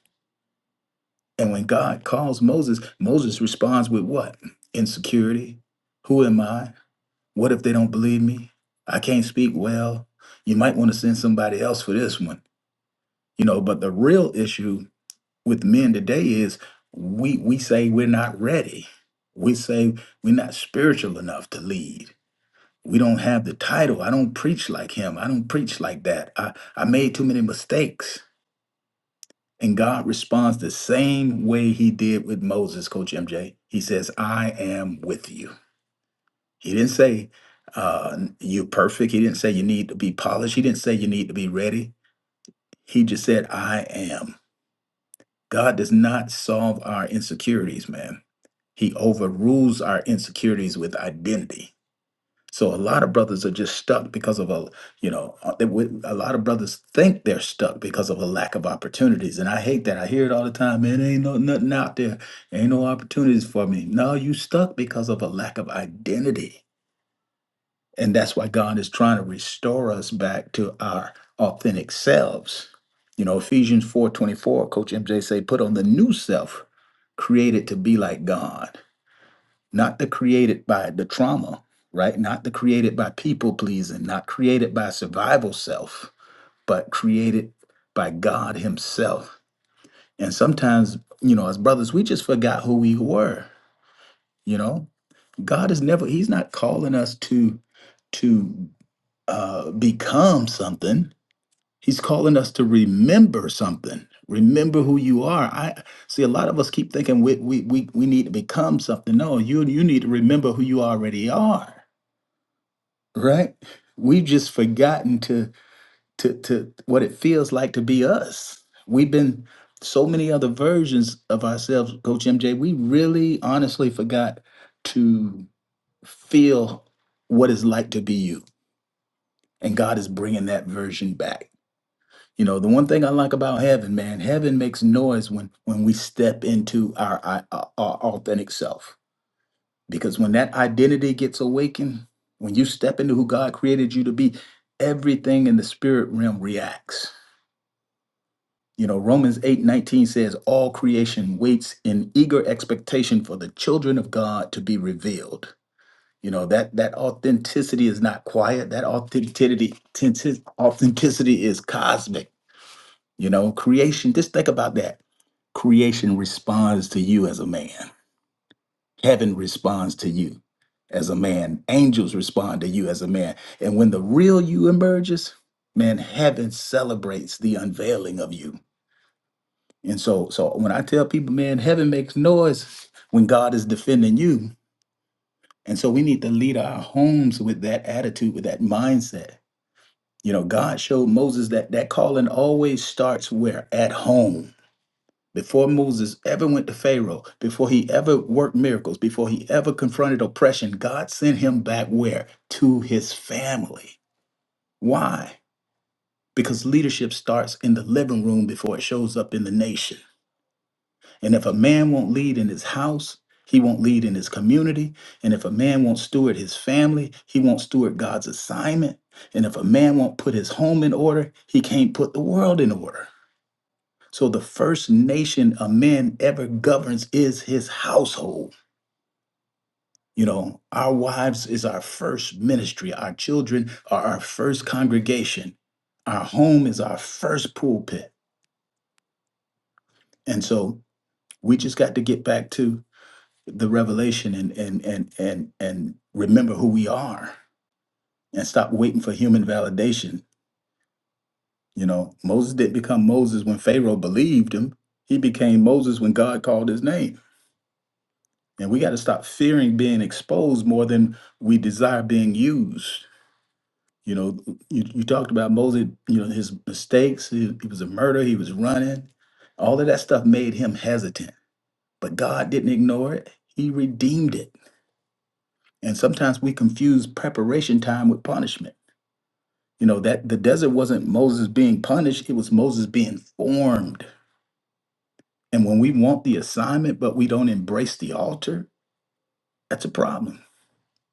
And when God calls Moses, Moses responds with what? Insecurity. Who am I? What if they don't believe me? I can't speak well. You might want to send somebody else for this one you know but the real issue with men today is we we say we're not ready we say we're not spiritual enough to lead we don't have the title i don't preach like him i don't preach like that i i made too many mistakes and god responds the same way he did with moses coach mj he says i am with you he didn't say uh, you're perfect he didn't say you need to be polished he didn't say you need to be ready he just said i am God does not solve our insecurities, man. He overrules our insecurities with identity. So a lot of brothers are just stuck because of a, you know, uh, they would- a lot of brothers think they're stuck because of a lack of opportunities, and I hate that. I hear it all the time, man. Ain't no nothing out there. Ain't no opportunities for me. No, you stuck because of a lack of identity and that's why God is trying to restore us back to our authentic selves. You know, Ephesians 4:24, Coach MJ say, put on the new self, created to be like God, not the created by the trauma, right? Not the created by people pleasing, not created by survival self, but created by God Himself. And sometimes, you know, as brothers, we just forgot who we were. You know, God is never, He's not calling us to to uh, become something. He's calling us to remember something. Remember who you are. I see a lot of us keep thinking we we we, we need to become something. No, you you need to remember who you already are, right? We've just forgotten to to to what it feels like to be us. We've been so many other versions of ourselves, Coach MJ. We really honestly forgot to feel what it's like to be you. And God is bringing that version back You know, the one thing I like about heaven, man, heaven makes noise when when we step into our i- uh, our, authentic self. Because when that identity gets awakened, when you step into who God created you to be, everything in the spirit realm reacts. You know, Romans 8 19 says, All creation waits in eager expectation for the children of God to be revealed. You know, that that authenticity is not quiet. That authenticity, authenticity is cosmic You know, creation, just think about that. Creation responds to you as a man, heaven responds to you as a man, angels respond to you as a man. And when the real you emerges, man, heaven celebrates the unveiling of you. And so, so when I tell people, man, heaven makes noise when God is defending you. And so we need to lead our homes with that attitude, with that mindset. You know, God showed Moses that that calling always starts where? At home before Moses ever went to Pharaoh, before he ever worked miracles, before he ever confronted oppression, God sent him back where? To his family. Why? Because leadership starts in the living room before it shows up in the nation. And if a man won't lead in his house, he won't lead in his community. And if a man won't steward his family, he won't steward God's assignment. And if a man won't put his home in order, he can't put the world in order. So the first nation a man ever governs is his household. You know, our wives is our first ministry. Our children are our first congregation. Our home is our first pulpit. And so we just got to get back to the revelation and and and and and remember who we are and stop waiting for human validation. You know, Moses didn't become Moses when Pharaoh believed him. He became Moses when God called his name. And we got to stop fearing being exposed more than we desire being used. You know, you, you talked about Moses, you know, his mistakes. He, he was a murderer, he was running. All of that stuff made him hesitant, but God didn't ignore it, He redeemed it. And sometimes we confuse preparation time with punishment. You know, that the desert wasn't Moses being punished, it was Moses being formed. And when we want the assignment, but we don't embrace the altar, that's a problem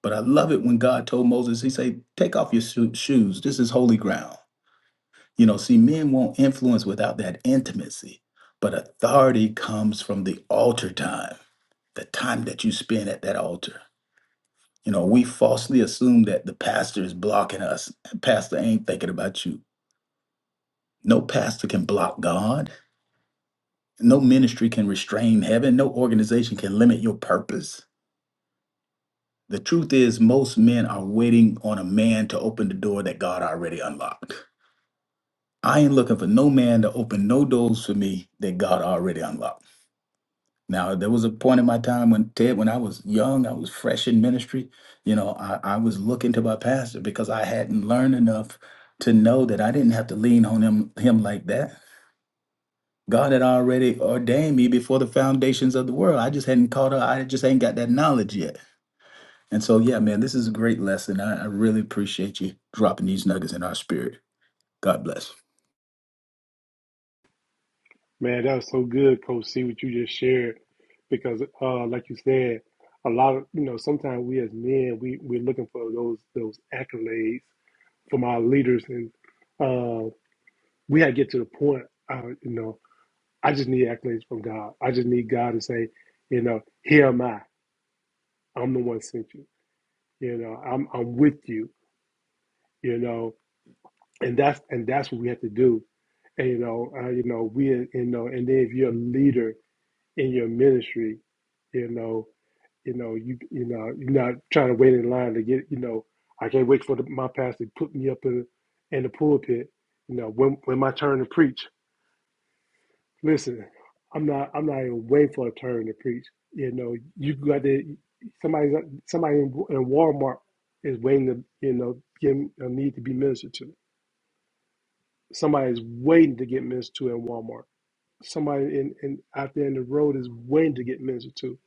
But I love it when God told Moses, He said, Take off your sho- shoes. This is holy ground. You know, see, men won't influence without that intimacy, but authority comes from the altar time, the time that you spend at that altar. You know, we falsely assume that the pastor is blocking us. Pastor ain't thinking about you. No pastor can block God. No ministry can restrain heaven. No organization can limit your purpose. The truth is, most men are waiting on a man to open the door that God already unlocked. I ain't looking for no man to open no doors for me that God already unlocked. Now, there was a point in my time when Ted, when I was young, I was fresh in ministry. You know, I, I was looking to my pastor because I hadn't learned enough to know that I didn't have to lean on him him like that. God had already ordained me before the foundations of the world. I just hadn't caught up. I just ain't got that knowledge yet. And so, yeah, man, this is a great lesson. I, I really appreciate you dropping these nuggets in our spirit. God bless.
Man, that was so good, Coach C, what you just shared. Because, uh, like you said, a lot of you know, sometimes we as men, we we're looking for those those accolades from our leaders, and uh, we had to get to the point. Uh, you know, I just need accolades from God. I just need God to say, you know, here am I. I'm the one sent you. You know, I'm I'm with you. You know, and that's and that's what we have to do and you know uh, you know we you know and then if you're a leader in your ministry you know you know you you know you're not trying to wait in line to get you know i can't wait for the, my pastor to put me up in in the pulpit you know when when my turn to preach listen i'm not i'm not even waiting for a turn to preach you know you got to somebody somebody in, in walmart is waiting to you know give a need to be ministered to Somebody's waiting to get ministered to in Walmart. Somebody in, in out there in the road is waiting to get ministered to.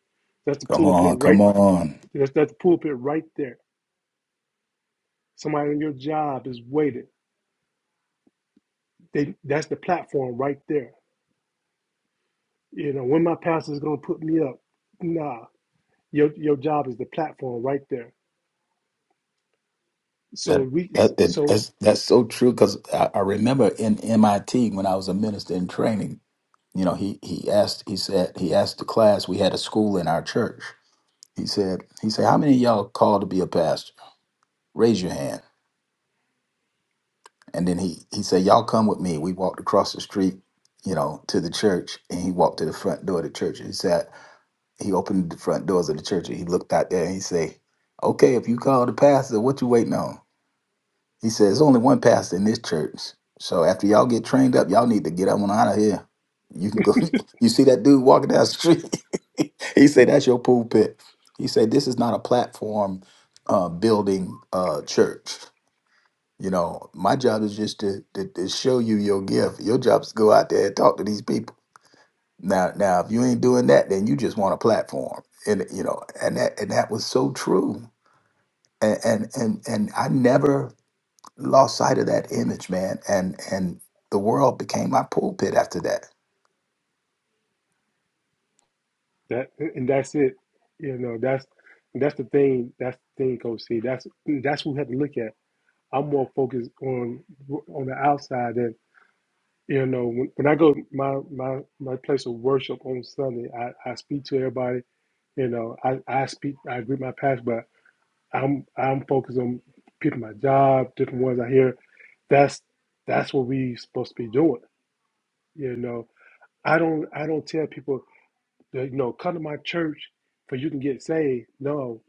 That's the
Come
pulpit
on, come
right.
on.
That's that's the pulpit right there. Somebody in your job is waiting. They that's the platform right there. You know when my pastor's gonna put me up. Nah, your your job is the platform right there. So
That
we
that, that
so
that's that's so true because I, I remember in MIT when I was a minister in training, you know, he he asked he said he asked the class we had a school in our church. He said he said how many of y'all called to be a pastor? Raise your hand. And then he he said y'all come with me. We walked across the street, you know, to the church, and he walked to the front door of the church. He said he opened the front doors of the church and he looked out there and he said, "Okay, if you call the pastor, what you waiting on?" He says, There's only one pastor in this church. So after y'all get trained up, y'all need to get on out of here. You can go, you see that dude walking down the street. he said, That's your pulpit. He said, This is not a platform uh, building uh, church. You know, my job is just to, to, to show you your gift. Your job is to go out there and talk to these people. Now, now, if you ain't doing that, then you just want a platform. And you know, and that and that was so true. And and and, and I never lost sight of that image, man, and and the world became my pulpit after that.
that and that's it. You know that's that's the thing. That's the thing, Coach C. That's that's what we have to look at. I'm more focused on on the outside than. You know, when, when I go my my my place of worship on Sunday, I, I speak to everybody. You know, I, I speak, I agree with my past, but I'm I'm focused on people, my job, different ones I hear. That's that's what we supposed to be doing. You know, I don't I don't tell people that you know come to my church for you can get saved. No,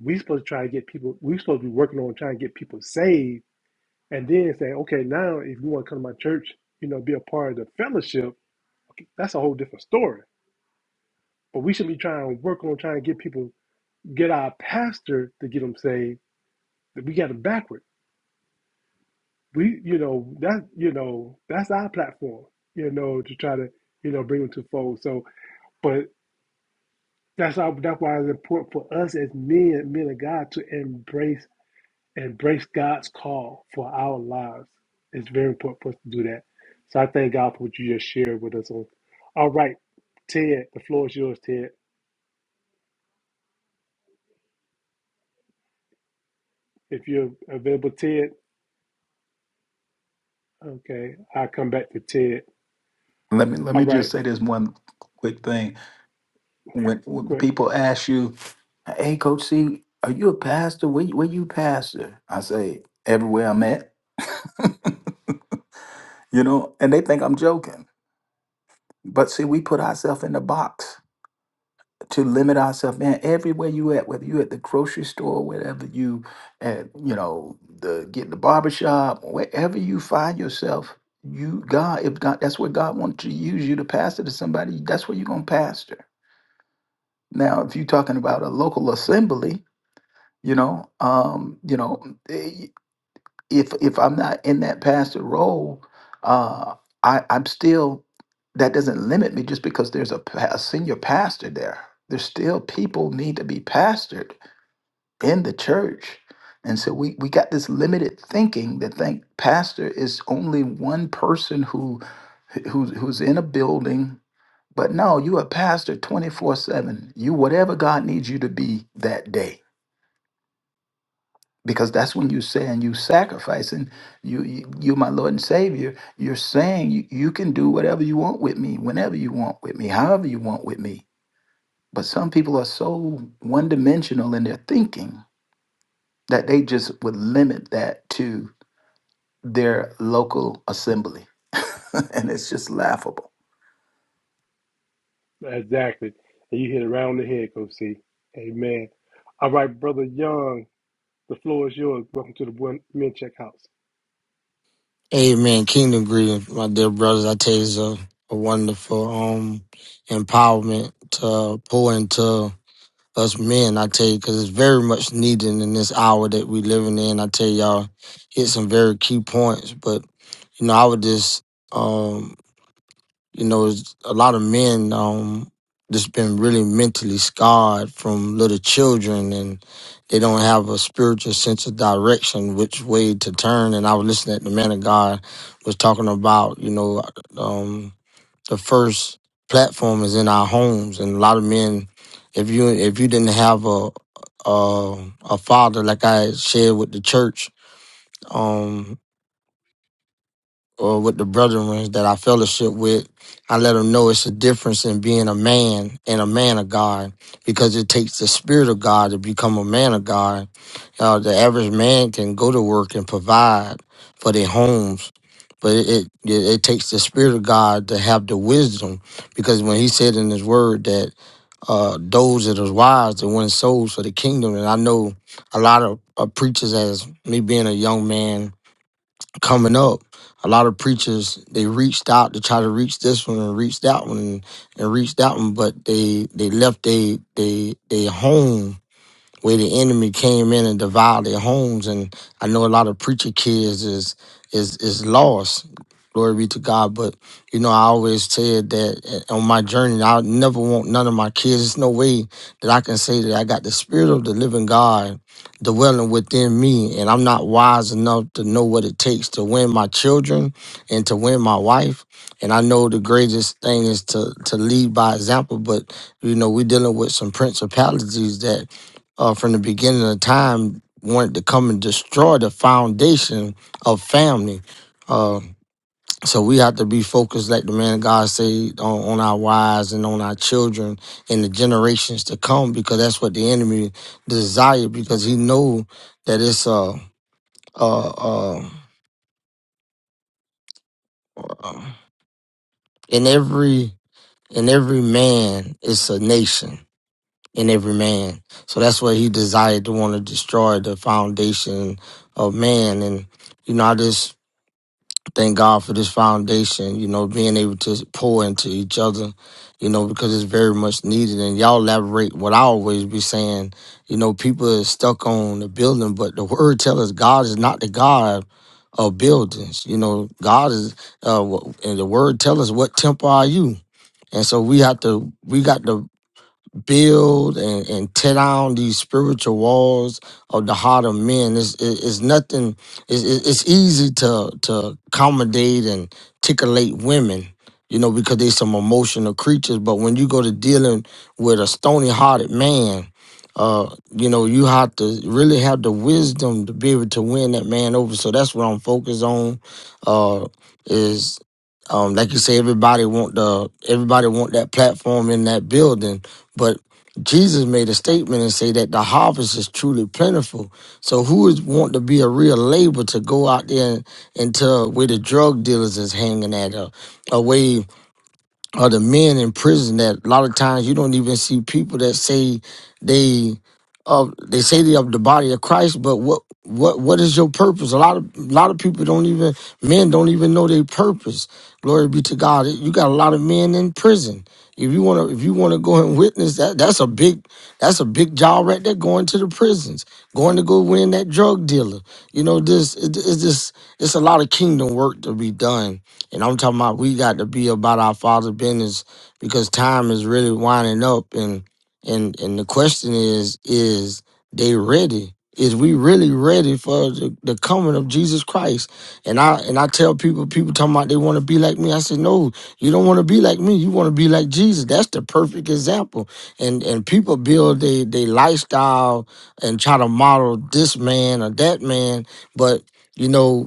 we supposed to try to get people. We supposed to be working on trying to get people saved, and then say, okay, now if you want to come to my church, you know, be a part of the fellowship Okay, That's a whole different story. But we should be trying to work on trying to get people, get our pastor to get them saved. That We got it backward. We, you know, that, you know, that's our platform. You know, to try to, you know, bring them to fold. So, but that's how, that's why it's important for us as men, men of God, to embrace, embrace God's call for our lives. It's very important for us to do that. So I thank God for what you just shared with us. On, all right, Ted, the floor is yours, Ted. If you're available, Ted. Okay, I come back to Ted.
Let me let
All
me just
right,
say this one quick thing. When, when
great,
people ask you, "Hey, Coach C, are you a pastor? Where you- where you pastor?" I say, "Everywhere I'm at." you know, and they think I'm joking. But see, we put ourselves in the box. to limit ourselves, man. Everywhere you at, whether you at the grocery store, wherever you at, you know, the get in the barbershop, wherever you find yourself, you God, if God, that's where God wants to use you to pastor to somebody. That's where you're gonna pastor. Now, if you're talking about a local assembly, you know, um, you know, eh, if if I'm not in that pastor role, uh, I, I'm still that doesn't limit me just because there's a, pa- a senior pastor there. There's still people need to be pastored in the church. And so we, we got this limited thinking that think pastor is only one person who who's who's in a building. But no, you a pastor 24-7. You whatever God needs you to be that day. because that's when you're saying you sacrifice and you you you my lord and savior you're saying you, you can do whatever you want with me whenever you want with me however you want with me but some people are so one-dimensional in their thinking that they just would limit that to their local assembly and it's just laughable
Exactly. And you hit around the head, Coach C. Amen. All right, Brother Young, the floor is yours. Welcome to the One Men Check House.
Amen. Kingdom greetings, my dear brothers. I tell you, it's a, a wonderful um empowerment to pour into us men. I tell you, because it's very much needed in this hour that we living in. I tell y'all, hit some very key points. But you know, I would just um you know, it's- a lot of men um just been really mentally scarred from little children, and they don't have a spiritual sense of direction, which way to turn. And I was listening at the man of God was talking about, you know, um the first platform is in our homes, and a lot of men, if you if you didn't have a a, a father like I shared with the church. Um, or with the brethren that I fellowship with, I let them know it's a difference in being a man and a man of God because it takes the spirit of God to become a man of God. Uh, the average man can go to work and provide for their homes, but it, it, it takes the spirit of God to have the wisdom because when he said in his word that uh, those that are wise to win souls for the kingdom, and I know a lot of uh, preachers as me being a young man coming up, a lot of preachers they reached out to try to reach this one and reach that one and, and reach that one, but they they left they they they home where the enemy came in and devoured their homes. And I know a lot of preacher kids is is is lost. Glory be to God. But you know, I always said that uh, on my journey, I never want none of my kids. There's no way that I can say that I got the spirit of the living God dwelling within me. And I'm not wise enough to know what it takes to win my children and to win my wife. And I know the greatest thing is to to lead by example, but you know, we're dealing with some principalities that uh, from the beginning of time wanted to come and destroy the foundation of family. Uh, so we have to be focused, like the man of God say, on, on our wives and on our children and the generations to come, because that's what the enemy desire. Because he know that it's uh, uh, uh, uh, in every in every man it's a nation in every man. So that's what he desired to want to destroy the foundation of man. And, you know, I just thank God for this foundation, you know, being able to pour into each other, you know, because it's very much needed. And y'all elaborate what I always be saying, you know, people are stuck on the building, but the word tells us God is not the God of buildings. You know, God is, uh, wh- and the word tells us what temple are you? And so we have to, we got to build and, and tear down these spiritual walls of the heart of men. It's, it- it's nothing, it's, it's it's easy to, to accommodate and tickleate women, you know, because they some emotional creatures. But when you go to dealing with a stony hearted man, uh, you know, you have to really have the wisdom to be able to win that man over. So that's what I'm focused on. Uh, is um, like you say, everybody want the everybody want that platform in that building, but Jesus made a statement and say that the harvest is truly plentiful. So who is want to be a real laborer to go out there into where the drug dealers is hanging at, or away? or the men in prison that a lot of times you don't even see people that say they of they say they of the body of Christ, but what what what is your purpose? A lot of a lot of people don't even men don't even know their purpose. Glory be to God. You got a lot of men in prison. If you wanna if you wanna go and witness that, that's a big that's a big job right there. Going to the prisons, going to go win that drug dealer. You know this it, it's just it's a lot of kingdom work to be done and I'm talking about we got to be about our father's business because time is really winding up and and and the question is, is they ready? Is we really ready for the, the coming of Jesus Christ? And I and I tell people, people talking about they want to be like me. I said, no, you don't want to be like me. You want to be like Jesus. That's the perfect example. And and people build their they lifestyle and try to model this man or that man, but you know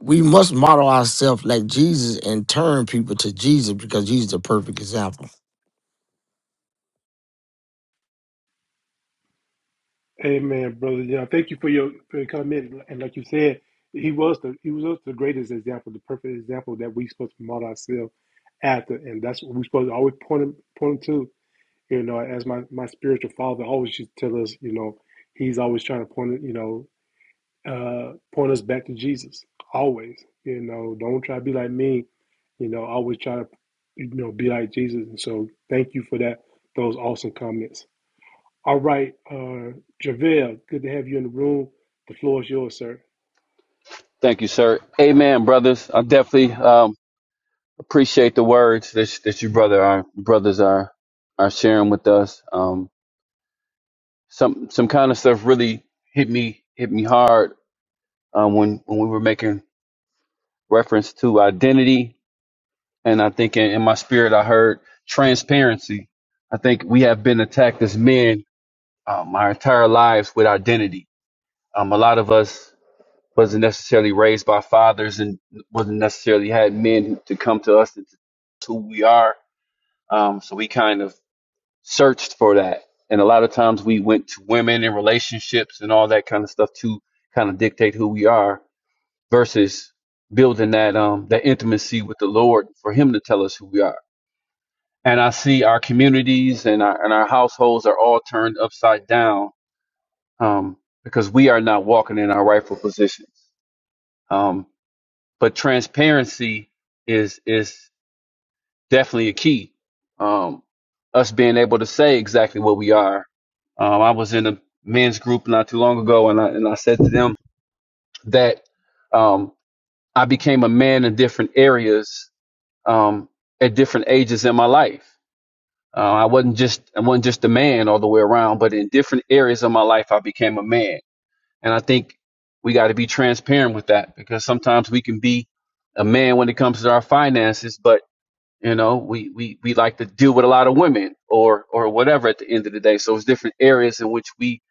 we must model ourselves like Jesus and turn people to Jesus because he's the perfect example.
Amen, Brother Young. Thank you for your for your comment. And like you said, he was the he was the greatest example, the perfect example that we supposed to model ourselves after. And that's what we're supposed to always point him point him to. You know, as my, my spiritual father always used to tell us, you know, he's always trying to point it, you know, uh, point us back to Jesus always. You know, don't try to be like me. You know, always try to, you know, be like Jesus. And so, thank you for that. Those awesome comments. All right, uh, Javale, good to have you in the room. The floor is yours, sir.
Thank you, sir. Amen, brothers. I definitely um, appreciate the words that that you brother our brothers are are sharing with us. Um, some some kind of stuff really hit me hit me hard um, when when we were making reference to identity, and I think in, in my spirit I heard transparency. I think we have been attacked as men um, our entire lives with identity. Um, a lot of us wasn't necessarily raised by fathers and wasn't necessarily had men to come to us to, to who we are. Um, so we kind of searched for that. And a lot of times we went to women and relationships and all that kind of stuff to kind of dictate who we are versus building that um that intimacy with the Lord for him to tell us who we are. And I see our communities and our and our households are all turned upside down um because we are not walking in our rightful positions. Um but transparency is is definitely a key. Um, us being able to say exactly what we are. Um, I was in a men's group not too long ago, and I and I said to them that um, I became a man in different areas um, at different ages in my life. Uh, I wasn't just I wasn't just a man all the way around, but in different areas of my life, I became a man. And I think we got to be transparent with that because sometimes we can be a man when it comes to our finances, but You know, we, we, we like to deal with a lot of women or or whatever at the end of the day. So it's different areas in which we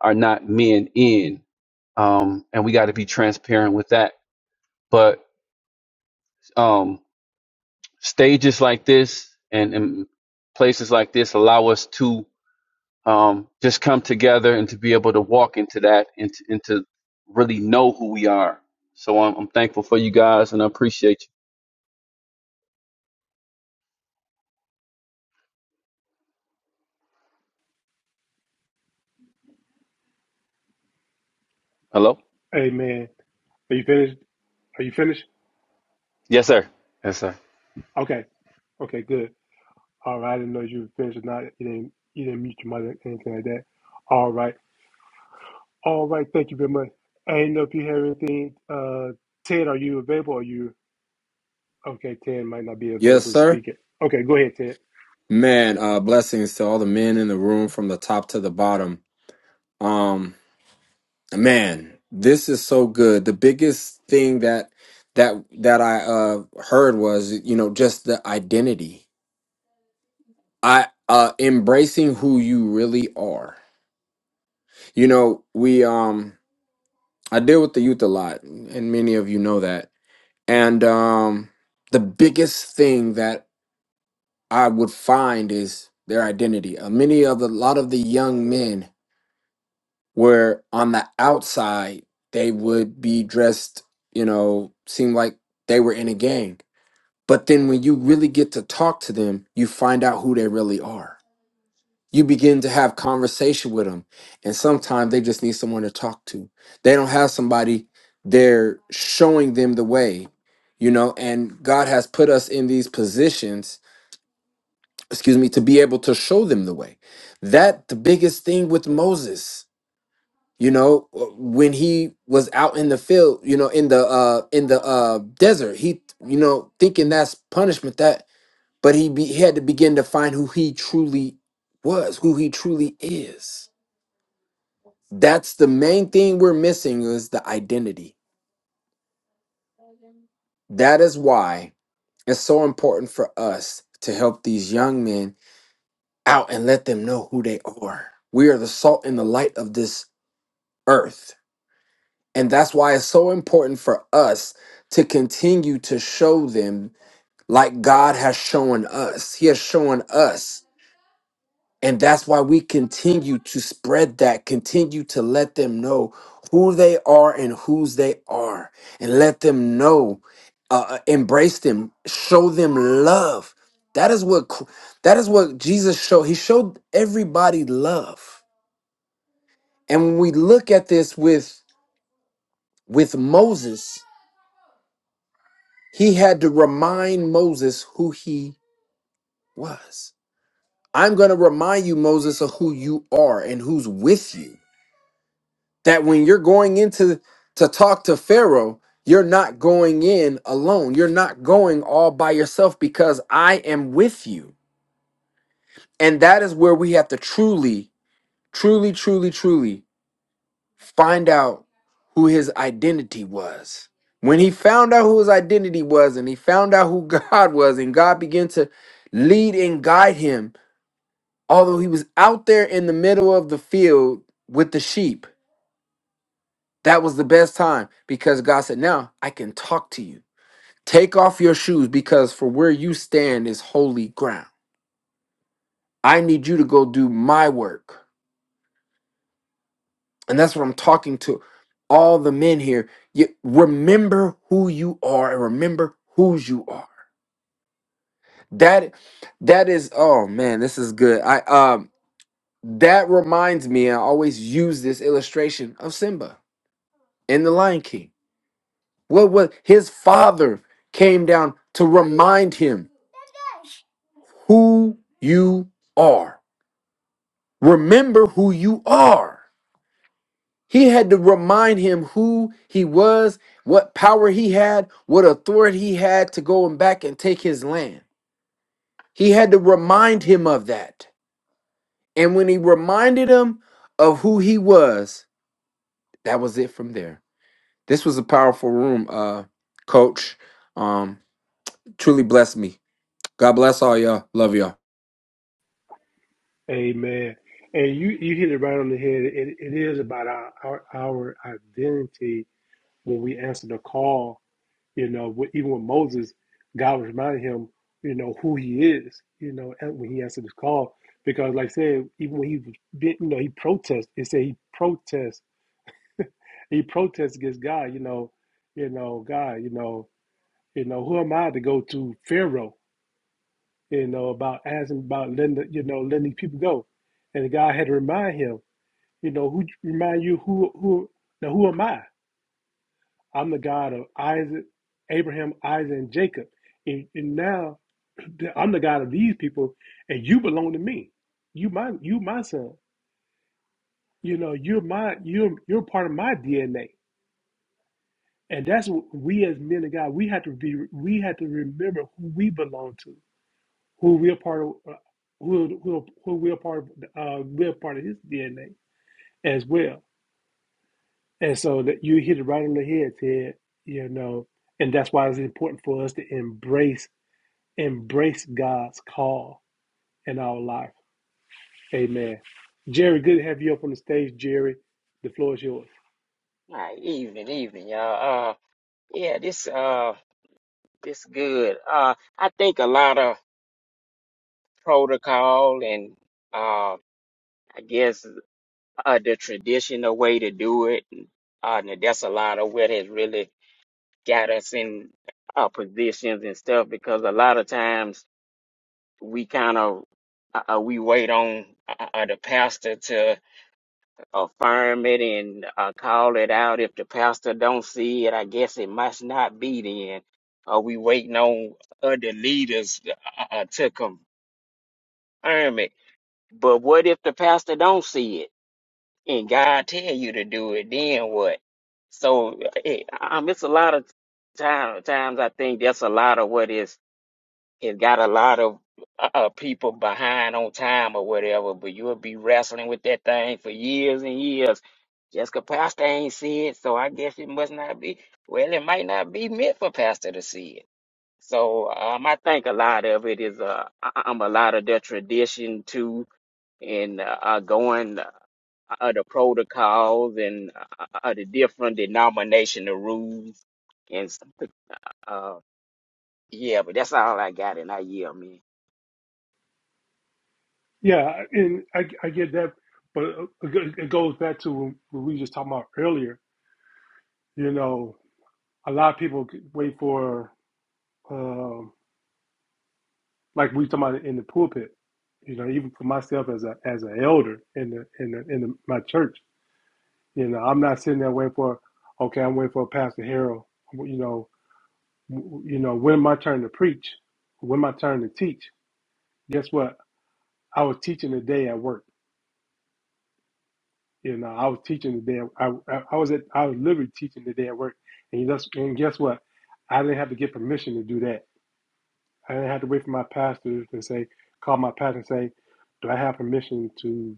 are not men in. Um, and we got to be transparent with that. But um, stages like this and, and places like this allow us to um, just come together and to be able to walk into that and to, and to really know who we are. So I'm, I'm thankful for you guys and I appreciate you. Hello?
Amen. Are you finished? Are you finished?
Yes, sir. Yes, sir.
Okay. Okay. Good. All right. I didn't know you were finished or not. You didn't. You didn't mute your mic or anything like that. All right. All right. Thank you very much. I didn't know if you have anything. Uh, Ted, are you available? Are you? Okay, Ted might not be
Yes,
available to
sir.
speak it. Okay, go ahead, Ted.
Man, uh blessings to all the men in the room from the top to the bottom. Um man, this is so good. The biggest thing that that that I uh heard was, you know, just the identity. I uh embracing who you really are. You know, we um I deal with the youth a lot, and many of you know that. And um the biggest thing that I would find is their identity. Uh, many of the, lot of the young men where on the outside they would be dressed, you know, seem like they were in a gang. But then when you really get to talk to them, you find out who they really are. You begin to have conversation with them, and sometimes they just need someone to talk to. They don't have somebody they're showing them the way, you know, and God has put us in these positions, excuse me, to be able to show them the way. That the biggest thing with Moses you know when he was out in the field you know in the uh in the uh desert he you know thinking that's punishment that but he, be, he had to begin to find who he truly was who he truly is that's the main thing we're missing is the identity that is why it's so important for us to help these young men out and let them know who they are we are the salt and the light of this earth And that's why it's so important for us to continue to show them like God has shown us. He has shown us. And that's why we continue to spread that, continue to let them know who they are and whose they are, and let them know, uh, uh, embrace them, show them love. That is what cr- that is what Jesus showed. He showed everybody love. And when we look at this with with Moses, He had to remind Moses who he was. I'm going to remind you, Moses, of who you are and who's with you. That when you're going into to talk to Pharaoh, you're not going in alone. You're not going all by yourself because I am with you. And that is where we have to truly, truly, truly, truly find out who his identity was. When he found out who his identity was and he found out who God was, and God began to lead and guide him, although he was out there in the middle of the field with the sheep, that was the best time because God said, Now I can talk to you. Take off your shoes because for where you stand is holy ground. I need you to go do my work. And that's what I'm talking to all the men here. You remember who you are and remember whose you are. That that is oh man, this is good. I um that reminds me, I always use this illustration of Simba in the Lion King. What was his father came down to remind him who you are. Remember who you are. He had to remind him who he was, what power he had, what authority he had to go and back and take his land. He had to remind him of that. And when he reminded him of who he was, that was it from there. This was a powerful room, uh, coach. Um, truly blessed me. God bless all y'all. Love y'all.
Amen. And you, you hit it right on the head. It, it is about our, our our identity when we answer the call. You know, with, even with Moses, God was reminding him, you know, who he is. You know, and when he answered this call, because like I said, even when he, did- you know, he protested. It said he protests. He protests against God. You know, you know, God. You know, you know, who am I to go to Pharaoh? you know, about asking about letting the, you know letting these people go, and the guy had to remind him, you know, who remind you who who now who am I? I'm the God of Isaac, Abraham, Isaac, and Jacob, and, and now I'm the God of these people, and you belong to me. You my you my son. You know, you're my you're you're part of my DNA, and that's what we as men of God we have to be we have to remember who we belong to who we are part of, uh, who who who we are part of, uh, we are part of his DNA as well. And so that you hit it right on the head, Ted. You know, and that's why it's important for us to embrace embrace God's call in our life. Amen. Jerry, good to have you up on the stage, Jerry. The floor is yours.
Hi, evening, evening, y'all. Uh, yeah, this uh, this good. Uh, I think a lot of protocol and uh, I guess uh, the traditional way to do it. Uh, and that's a lot of what has really got us in uh, positions and stuff because a lot of times we kind of uh, uh, we wait on uh, uh, the pastor to affirm it and uh, call it out. If the pastor don't see it, I guess it must not be then. Are we waiting on other leaders uh, uh, to confirm it? But what if the pastor don't see it and God tell you to do it? Then what? So it, um, it's a lot of time, times I think that's a lot of what is it got a lot of uh, uh, people behind on time or whatever, but you'll be wrestling with that thing for years and years. Just 'cause Pastor ain't see it, so I guess it must not be. Well, it might not be meant for Pastor to see it. So um, I think a lot of it is uh, um, a lot of the tradition too, and uh, uh, going uh, the protocols and uh, uh, the different denominational rules and stuff. uh, yeah. But that's all I got, and I yield, man.
Yeah, and I, I get that, but it goes back to what we were just talking about earlier. You know, a lot of people wait for. uh, like we talking about in the pulpit. You know, even for myself as a as an elder in the in the, in the, my church, you know, I'm not sitting there waiting for, okay, I'm waiting for Pastor Harold. You know, you know, when my turn to preach, when my turn to teach. Guess what? I was teaching the day at work. You know, I was teaching the day. I I, I was at I was literally teaching the day at work, and you just and guess what? I didn't have to get permission to do that. I didn't have to wait for my pastor to say, call my pastor and say, do I have permission to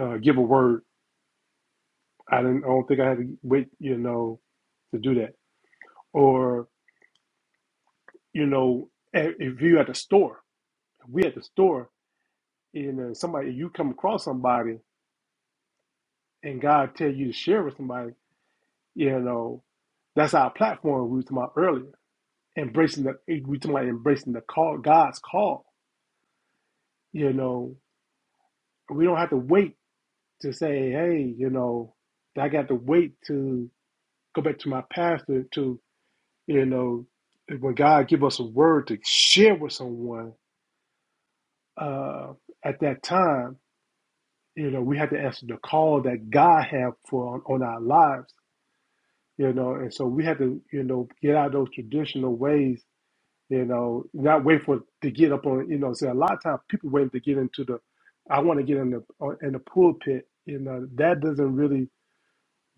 uh, give a word. I didn't. I don't think I had to wait. You know, to do that. Or you know, i- if you at the store, if we at the store, you know, somebody you come across somebody and God tell you to share with somebody. You know, that's our platform we were talking about earlier. Embracing the we were talking about embracing the call, God's call. You know, we don't have to wait to say, hey, you know, I got to wait to go back to my pastor to You know, when God give us a word to share with someone uh, at that time, you know, we have to answer the call that God have for on, on our lives. You know, and so we have to, you know, get out of those traditional ways. You know, not wait for to get up on. You know, say a lot of times people waiting to get into the. I want to get in the uh, in the pulpit. You know, that doesn't really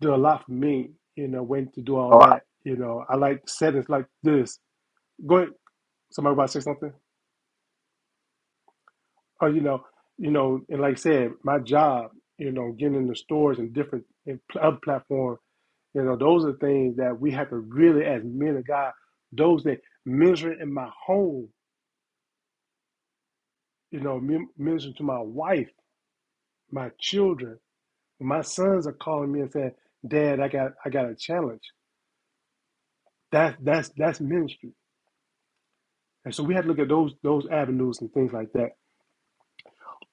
do a lot for me. You know, waiting to do all
Oh,
that. You know, I like settings like this. Go ahead. Somebody about to say something? Oh, you know, you know, and like I said, my job, you know, getting in the stores and different and pl- other platforms, you know, those are things that we have to really, as men of God, those that ministering in my home, you know, min- ministering to my wife, my children, my sons are calling me and saying, "Dad, I got, I got a challenge." That's that's that's ministry, and so we have to look at those those avenues and things like that.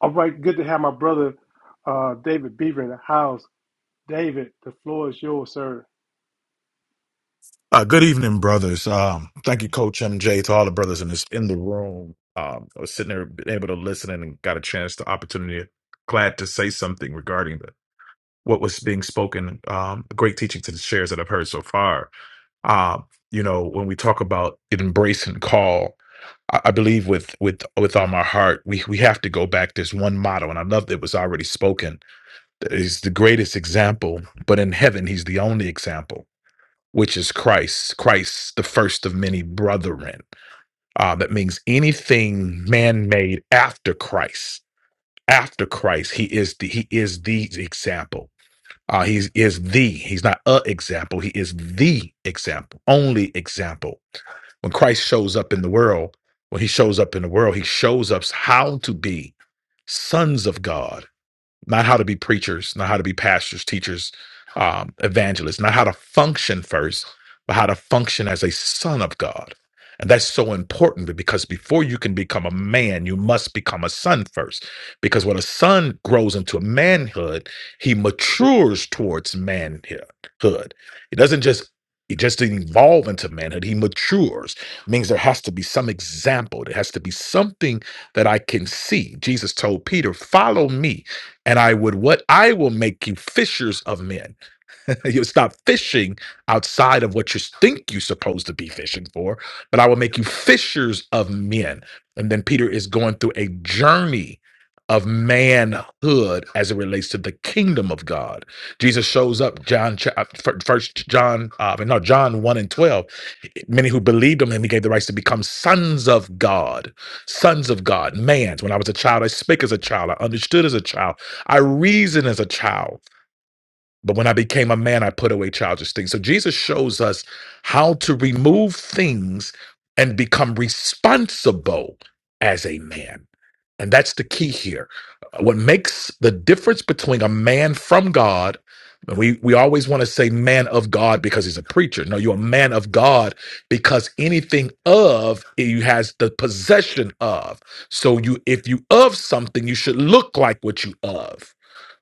All right, good to have my brother, uh, David Beaver in the house. David, the floor is yours, sir.
Uh, good evening, brothers. Um, thank you, Coach MJ, to all the brothers in this in the room. Um, I was sitting there, been able to listen in and got a chance, to opportunity. Glad to say something regarding the, what was being spoken. Um, great teaching to the shares that I've heard so far. Um, you know, when we talk about embrace and call, I, I believe with with with all my heart, we we have to go back. There's one motto, and I love that it was already spoken. That He's the greatest example, but in heaven, he's the only example which is Christ, Christ, the first of many brethren. Uh, that means anything man made after Christ, after Christ, he is the, he is the example. Uh, he is the, he's not a example. He is the example, only example. When Christ shows up in the world, when he shows up in the world, he shows us how to be sons of God not how to be preachers, not how to be pastors, teachers, um, evangelists, not how to function first, but how to function as a son of God. And that's so important because before you can become a man, you must become a son first. Because when a son grows into manhood, he matures towards manhood. He doesn't just he just didn't evolve into manhood. He matures. Means there has to be some example. There has to be something that I can see. Jesus told Peter, follow me and I would what I will make you fishers of men. You'll stop fishing outside of what you think you're supposed to be fishing for, but I will make you fishers of men. And then Peter is going through a journey of manhood as it relates to the kingdom of God. Jesus shows up, John, cha- uh, fir- first John, uh, no, John 1 and 12. Many who believed him, and he gave the rights to become sons of God, sons of God, mans. When I was a child, I spake as a child, I understood as a child, I reasoned as a child. But when I became a man, I put away childish things. So Jesus shows us how to remove things and become responsible as a man. And that's the key here. What makes the difference between a man from God, we, we always want to say man of God because he's a preacher. No, you're a man of God because anything of you has the possession of. So you if you of something, you should look like what you of.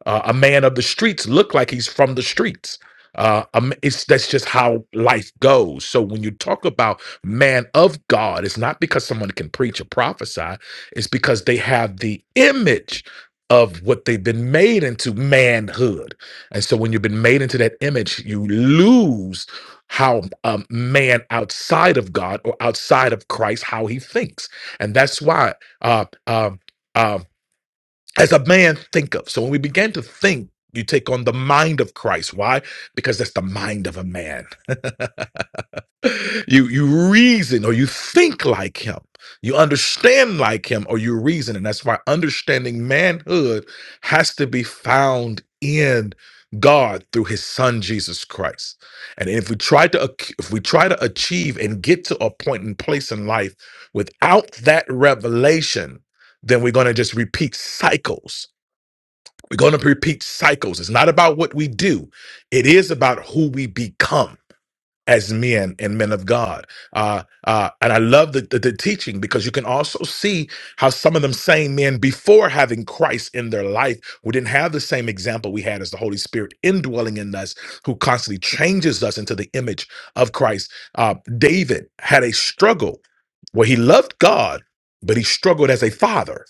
Uh, a man of the streets look like he's from the streets. Uh, um, it's that's just how life goes. So when you talk about man of God, it's not because someone can preach or prophesy. It's because they have the image of what they've been made into manhood. And so when you've been made into that image, you lose how um, man outside of God or outside of Christ how he thinks, and that's why uh, um, um, as a man think of. So when we begin to think, you take on the mind of Christ. Why? Because that's the mind of a man. you you reason or you think like him. You understand like him or you reason. And that's why understanding manhood has to be found in God through his son Jesus Christ. And if we try to ac- if we try to achieve and get to a point and place in life without that revelation, then we're going to just repeat cycles we're going to repeat cycles. It's not about what we do, it is about who we become as men and men of God. Uh, uh, and I love the, the, the teaching because you can also see how some of them same men before having Christ in their life, we didn't have the same example we had as the Holy Spirit indwelling in us, who constantly changes us into the image of Christ. Uh, David had a struggle where he loved God, but he struggled as a father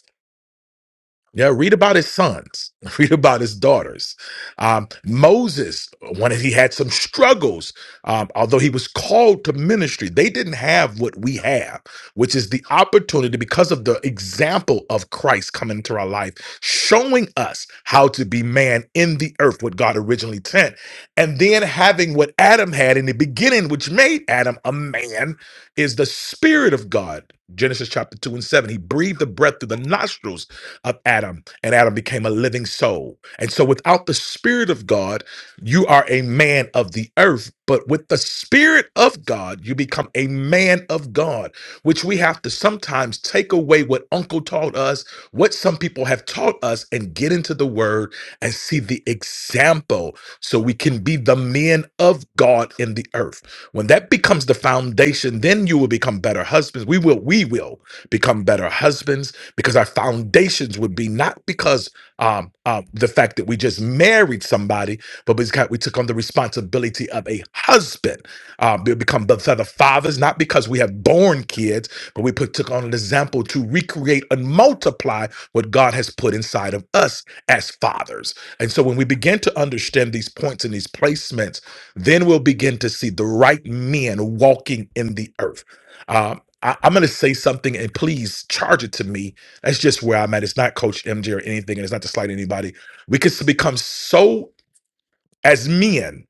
yeah, read about his sons, read about his daughters. Um, Moses, when he had some struggles, um, although he was called to ministry, they didn't have what we have, which is the opportunity because of the example of Christ coming into our life, showing us how to be man in the earth, what God originally sent, and then having what Adam had in the beginning, which made Adam a man, is the Spirit of God. Genesis chapter 2 and 7. He breathed the breath through the nostrils of Adam, and Adam became a living soul. And so, without the Spirit of God, you are a man of the earth. But with the Spirit of God, you become a man of God, which we have to sometimes take away what Uncle taught us, what some people have taught us, and get into the Word and see the example so we can be the men of God in the earth. When that becomes the foundation, then you will become better husbands. We will, we will become better husbands because our foundations would be not because um, uh, the fact that we just married somebody, but because we took on the responsibility of a husband. Uh, we become the, the fathers, not because we have born kids, but we put, took on an example to recreate and multiply what God has put inside of us as fathers. And so when we begin to understand these points and these placements, then we'll begin to see the right men walking in the earth. Um, I, I'm going to say something, and please charge it to me that's just where I'm at. It's not Coach MJ or anything, and it's not to slight anybody. We could become so as men,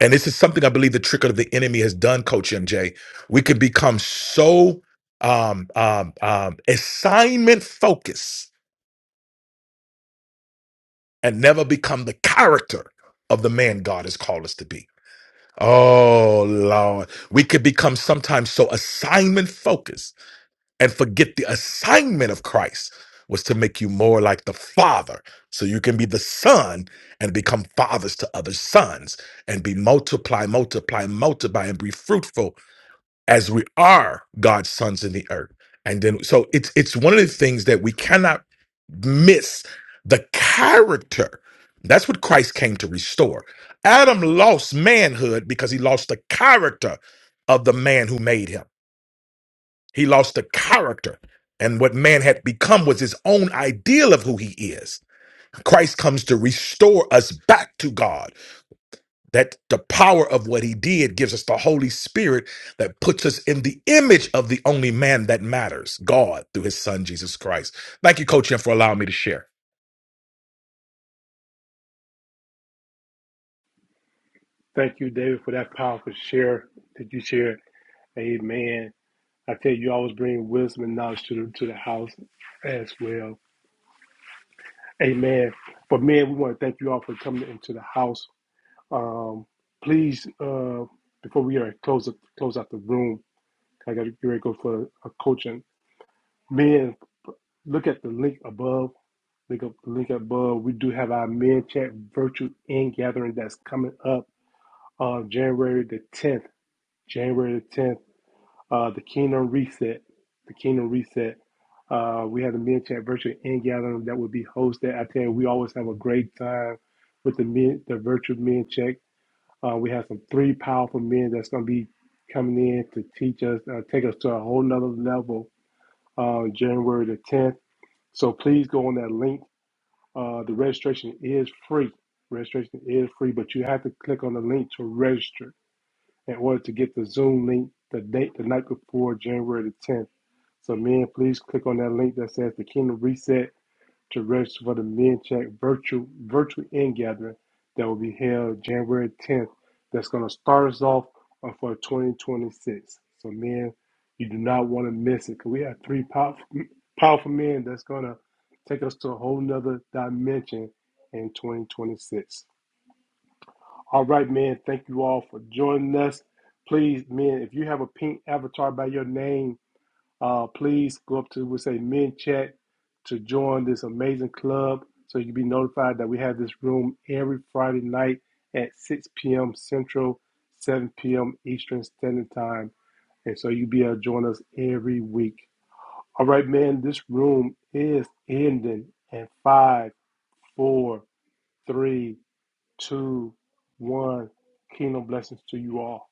and this is something I believe the trick of the enemy has done, Coach MJ. We could become so um, um, um, assignment focused and never become the character of the man God has called us to be. Oh Lord, we could become sometimes so assignment focused and forget the assignment of Christ was to make you more like the Father so you can be the Son and become fathers to other sons and be multiply, multiply, multiply, and be fruitful as we are God's sons in the earth. And then so it's it's one of the things that we cannot miss the character. That's what Christ came to restore. Adam lost manhood because he lost the character of the man who made him. He lost the character. And what man had become was his own ideal of who he is. Christ comes to restore us back to God. That the power of what he did gives us the Holy Spirit that puts us in the image of the only man that matters, God, through his son, Jesus Christ. Thank you, Coach, Jim, for allowing me to share.
Thank you, David, for that powerful share that you shared. Amen. I tell you, you always bring wisdom and knowledge to the, to the house as well. Amen. But man, we want to thank you all for coming into the house. Um, please, uh, before we are close up, close out the room, I got to get ready to go for a coaching. Men, look at the link above. Look up the link above. We do have our men chat virtual in gathering that's coming up on January the 10th. January the 10th uh, the Kingdom Reset. The Kingdom Reset. Uh, we had a Men Chat virtual end gathering that would be hosted. I tell you, we always have a great time with the men, the virtual Men chat. Uh, we have some three powerful men that's going to be coming in to teach us, uh, take us to a whole nother level uh, January the 10th. So please go on that link. Uh, the registration is free. Registration is free, but you have to click on the link to register in order to get the Zoom link the date the night before January the 10th so, men, please click on that link that says the Kingdom Reset to register for the Men Check virtual virtual end gathering that will be held January 10th. That's going to start us off uh, for 2026. So, men, you do not want to miss it because we have three powerful, powerful men that's going to take us to a whole nother dimension in 2026. All right, men, thank you all for joining us. Please, men, if you have a pink avatar by your name, uh, please go up to we say men chat to join this amazing club so you can be notified that we have this room every Friday night at 6 p.m. Central, 7 p.m. Eastern Standard Time. And so you'll be able to join us every week. All right, man, this room is ending in five, four, three, two, one. Kingdom blessings to you all.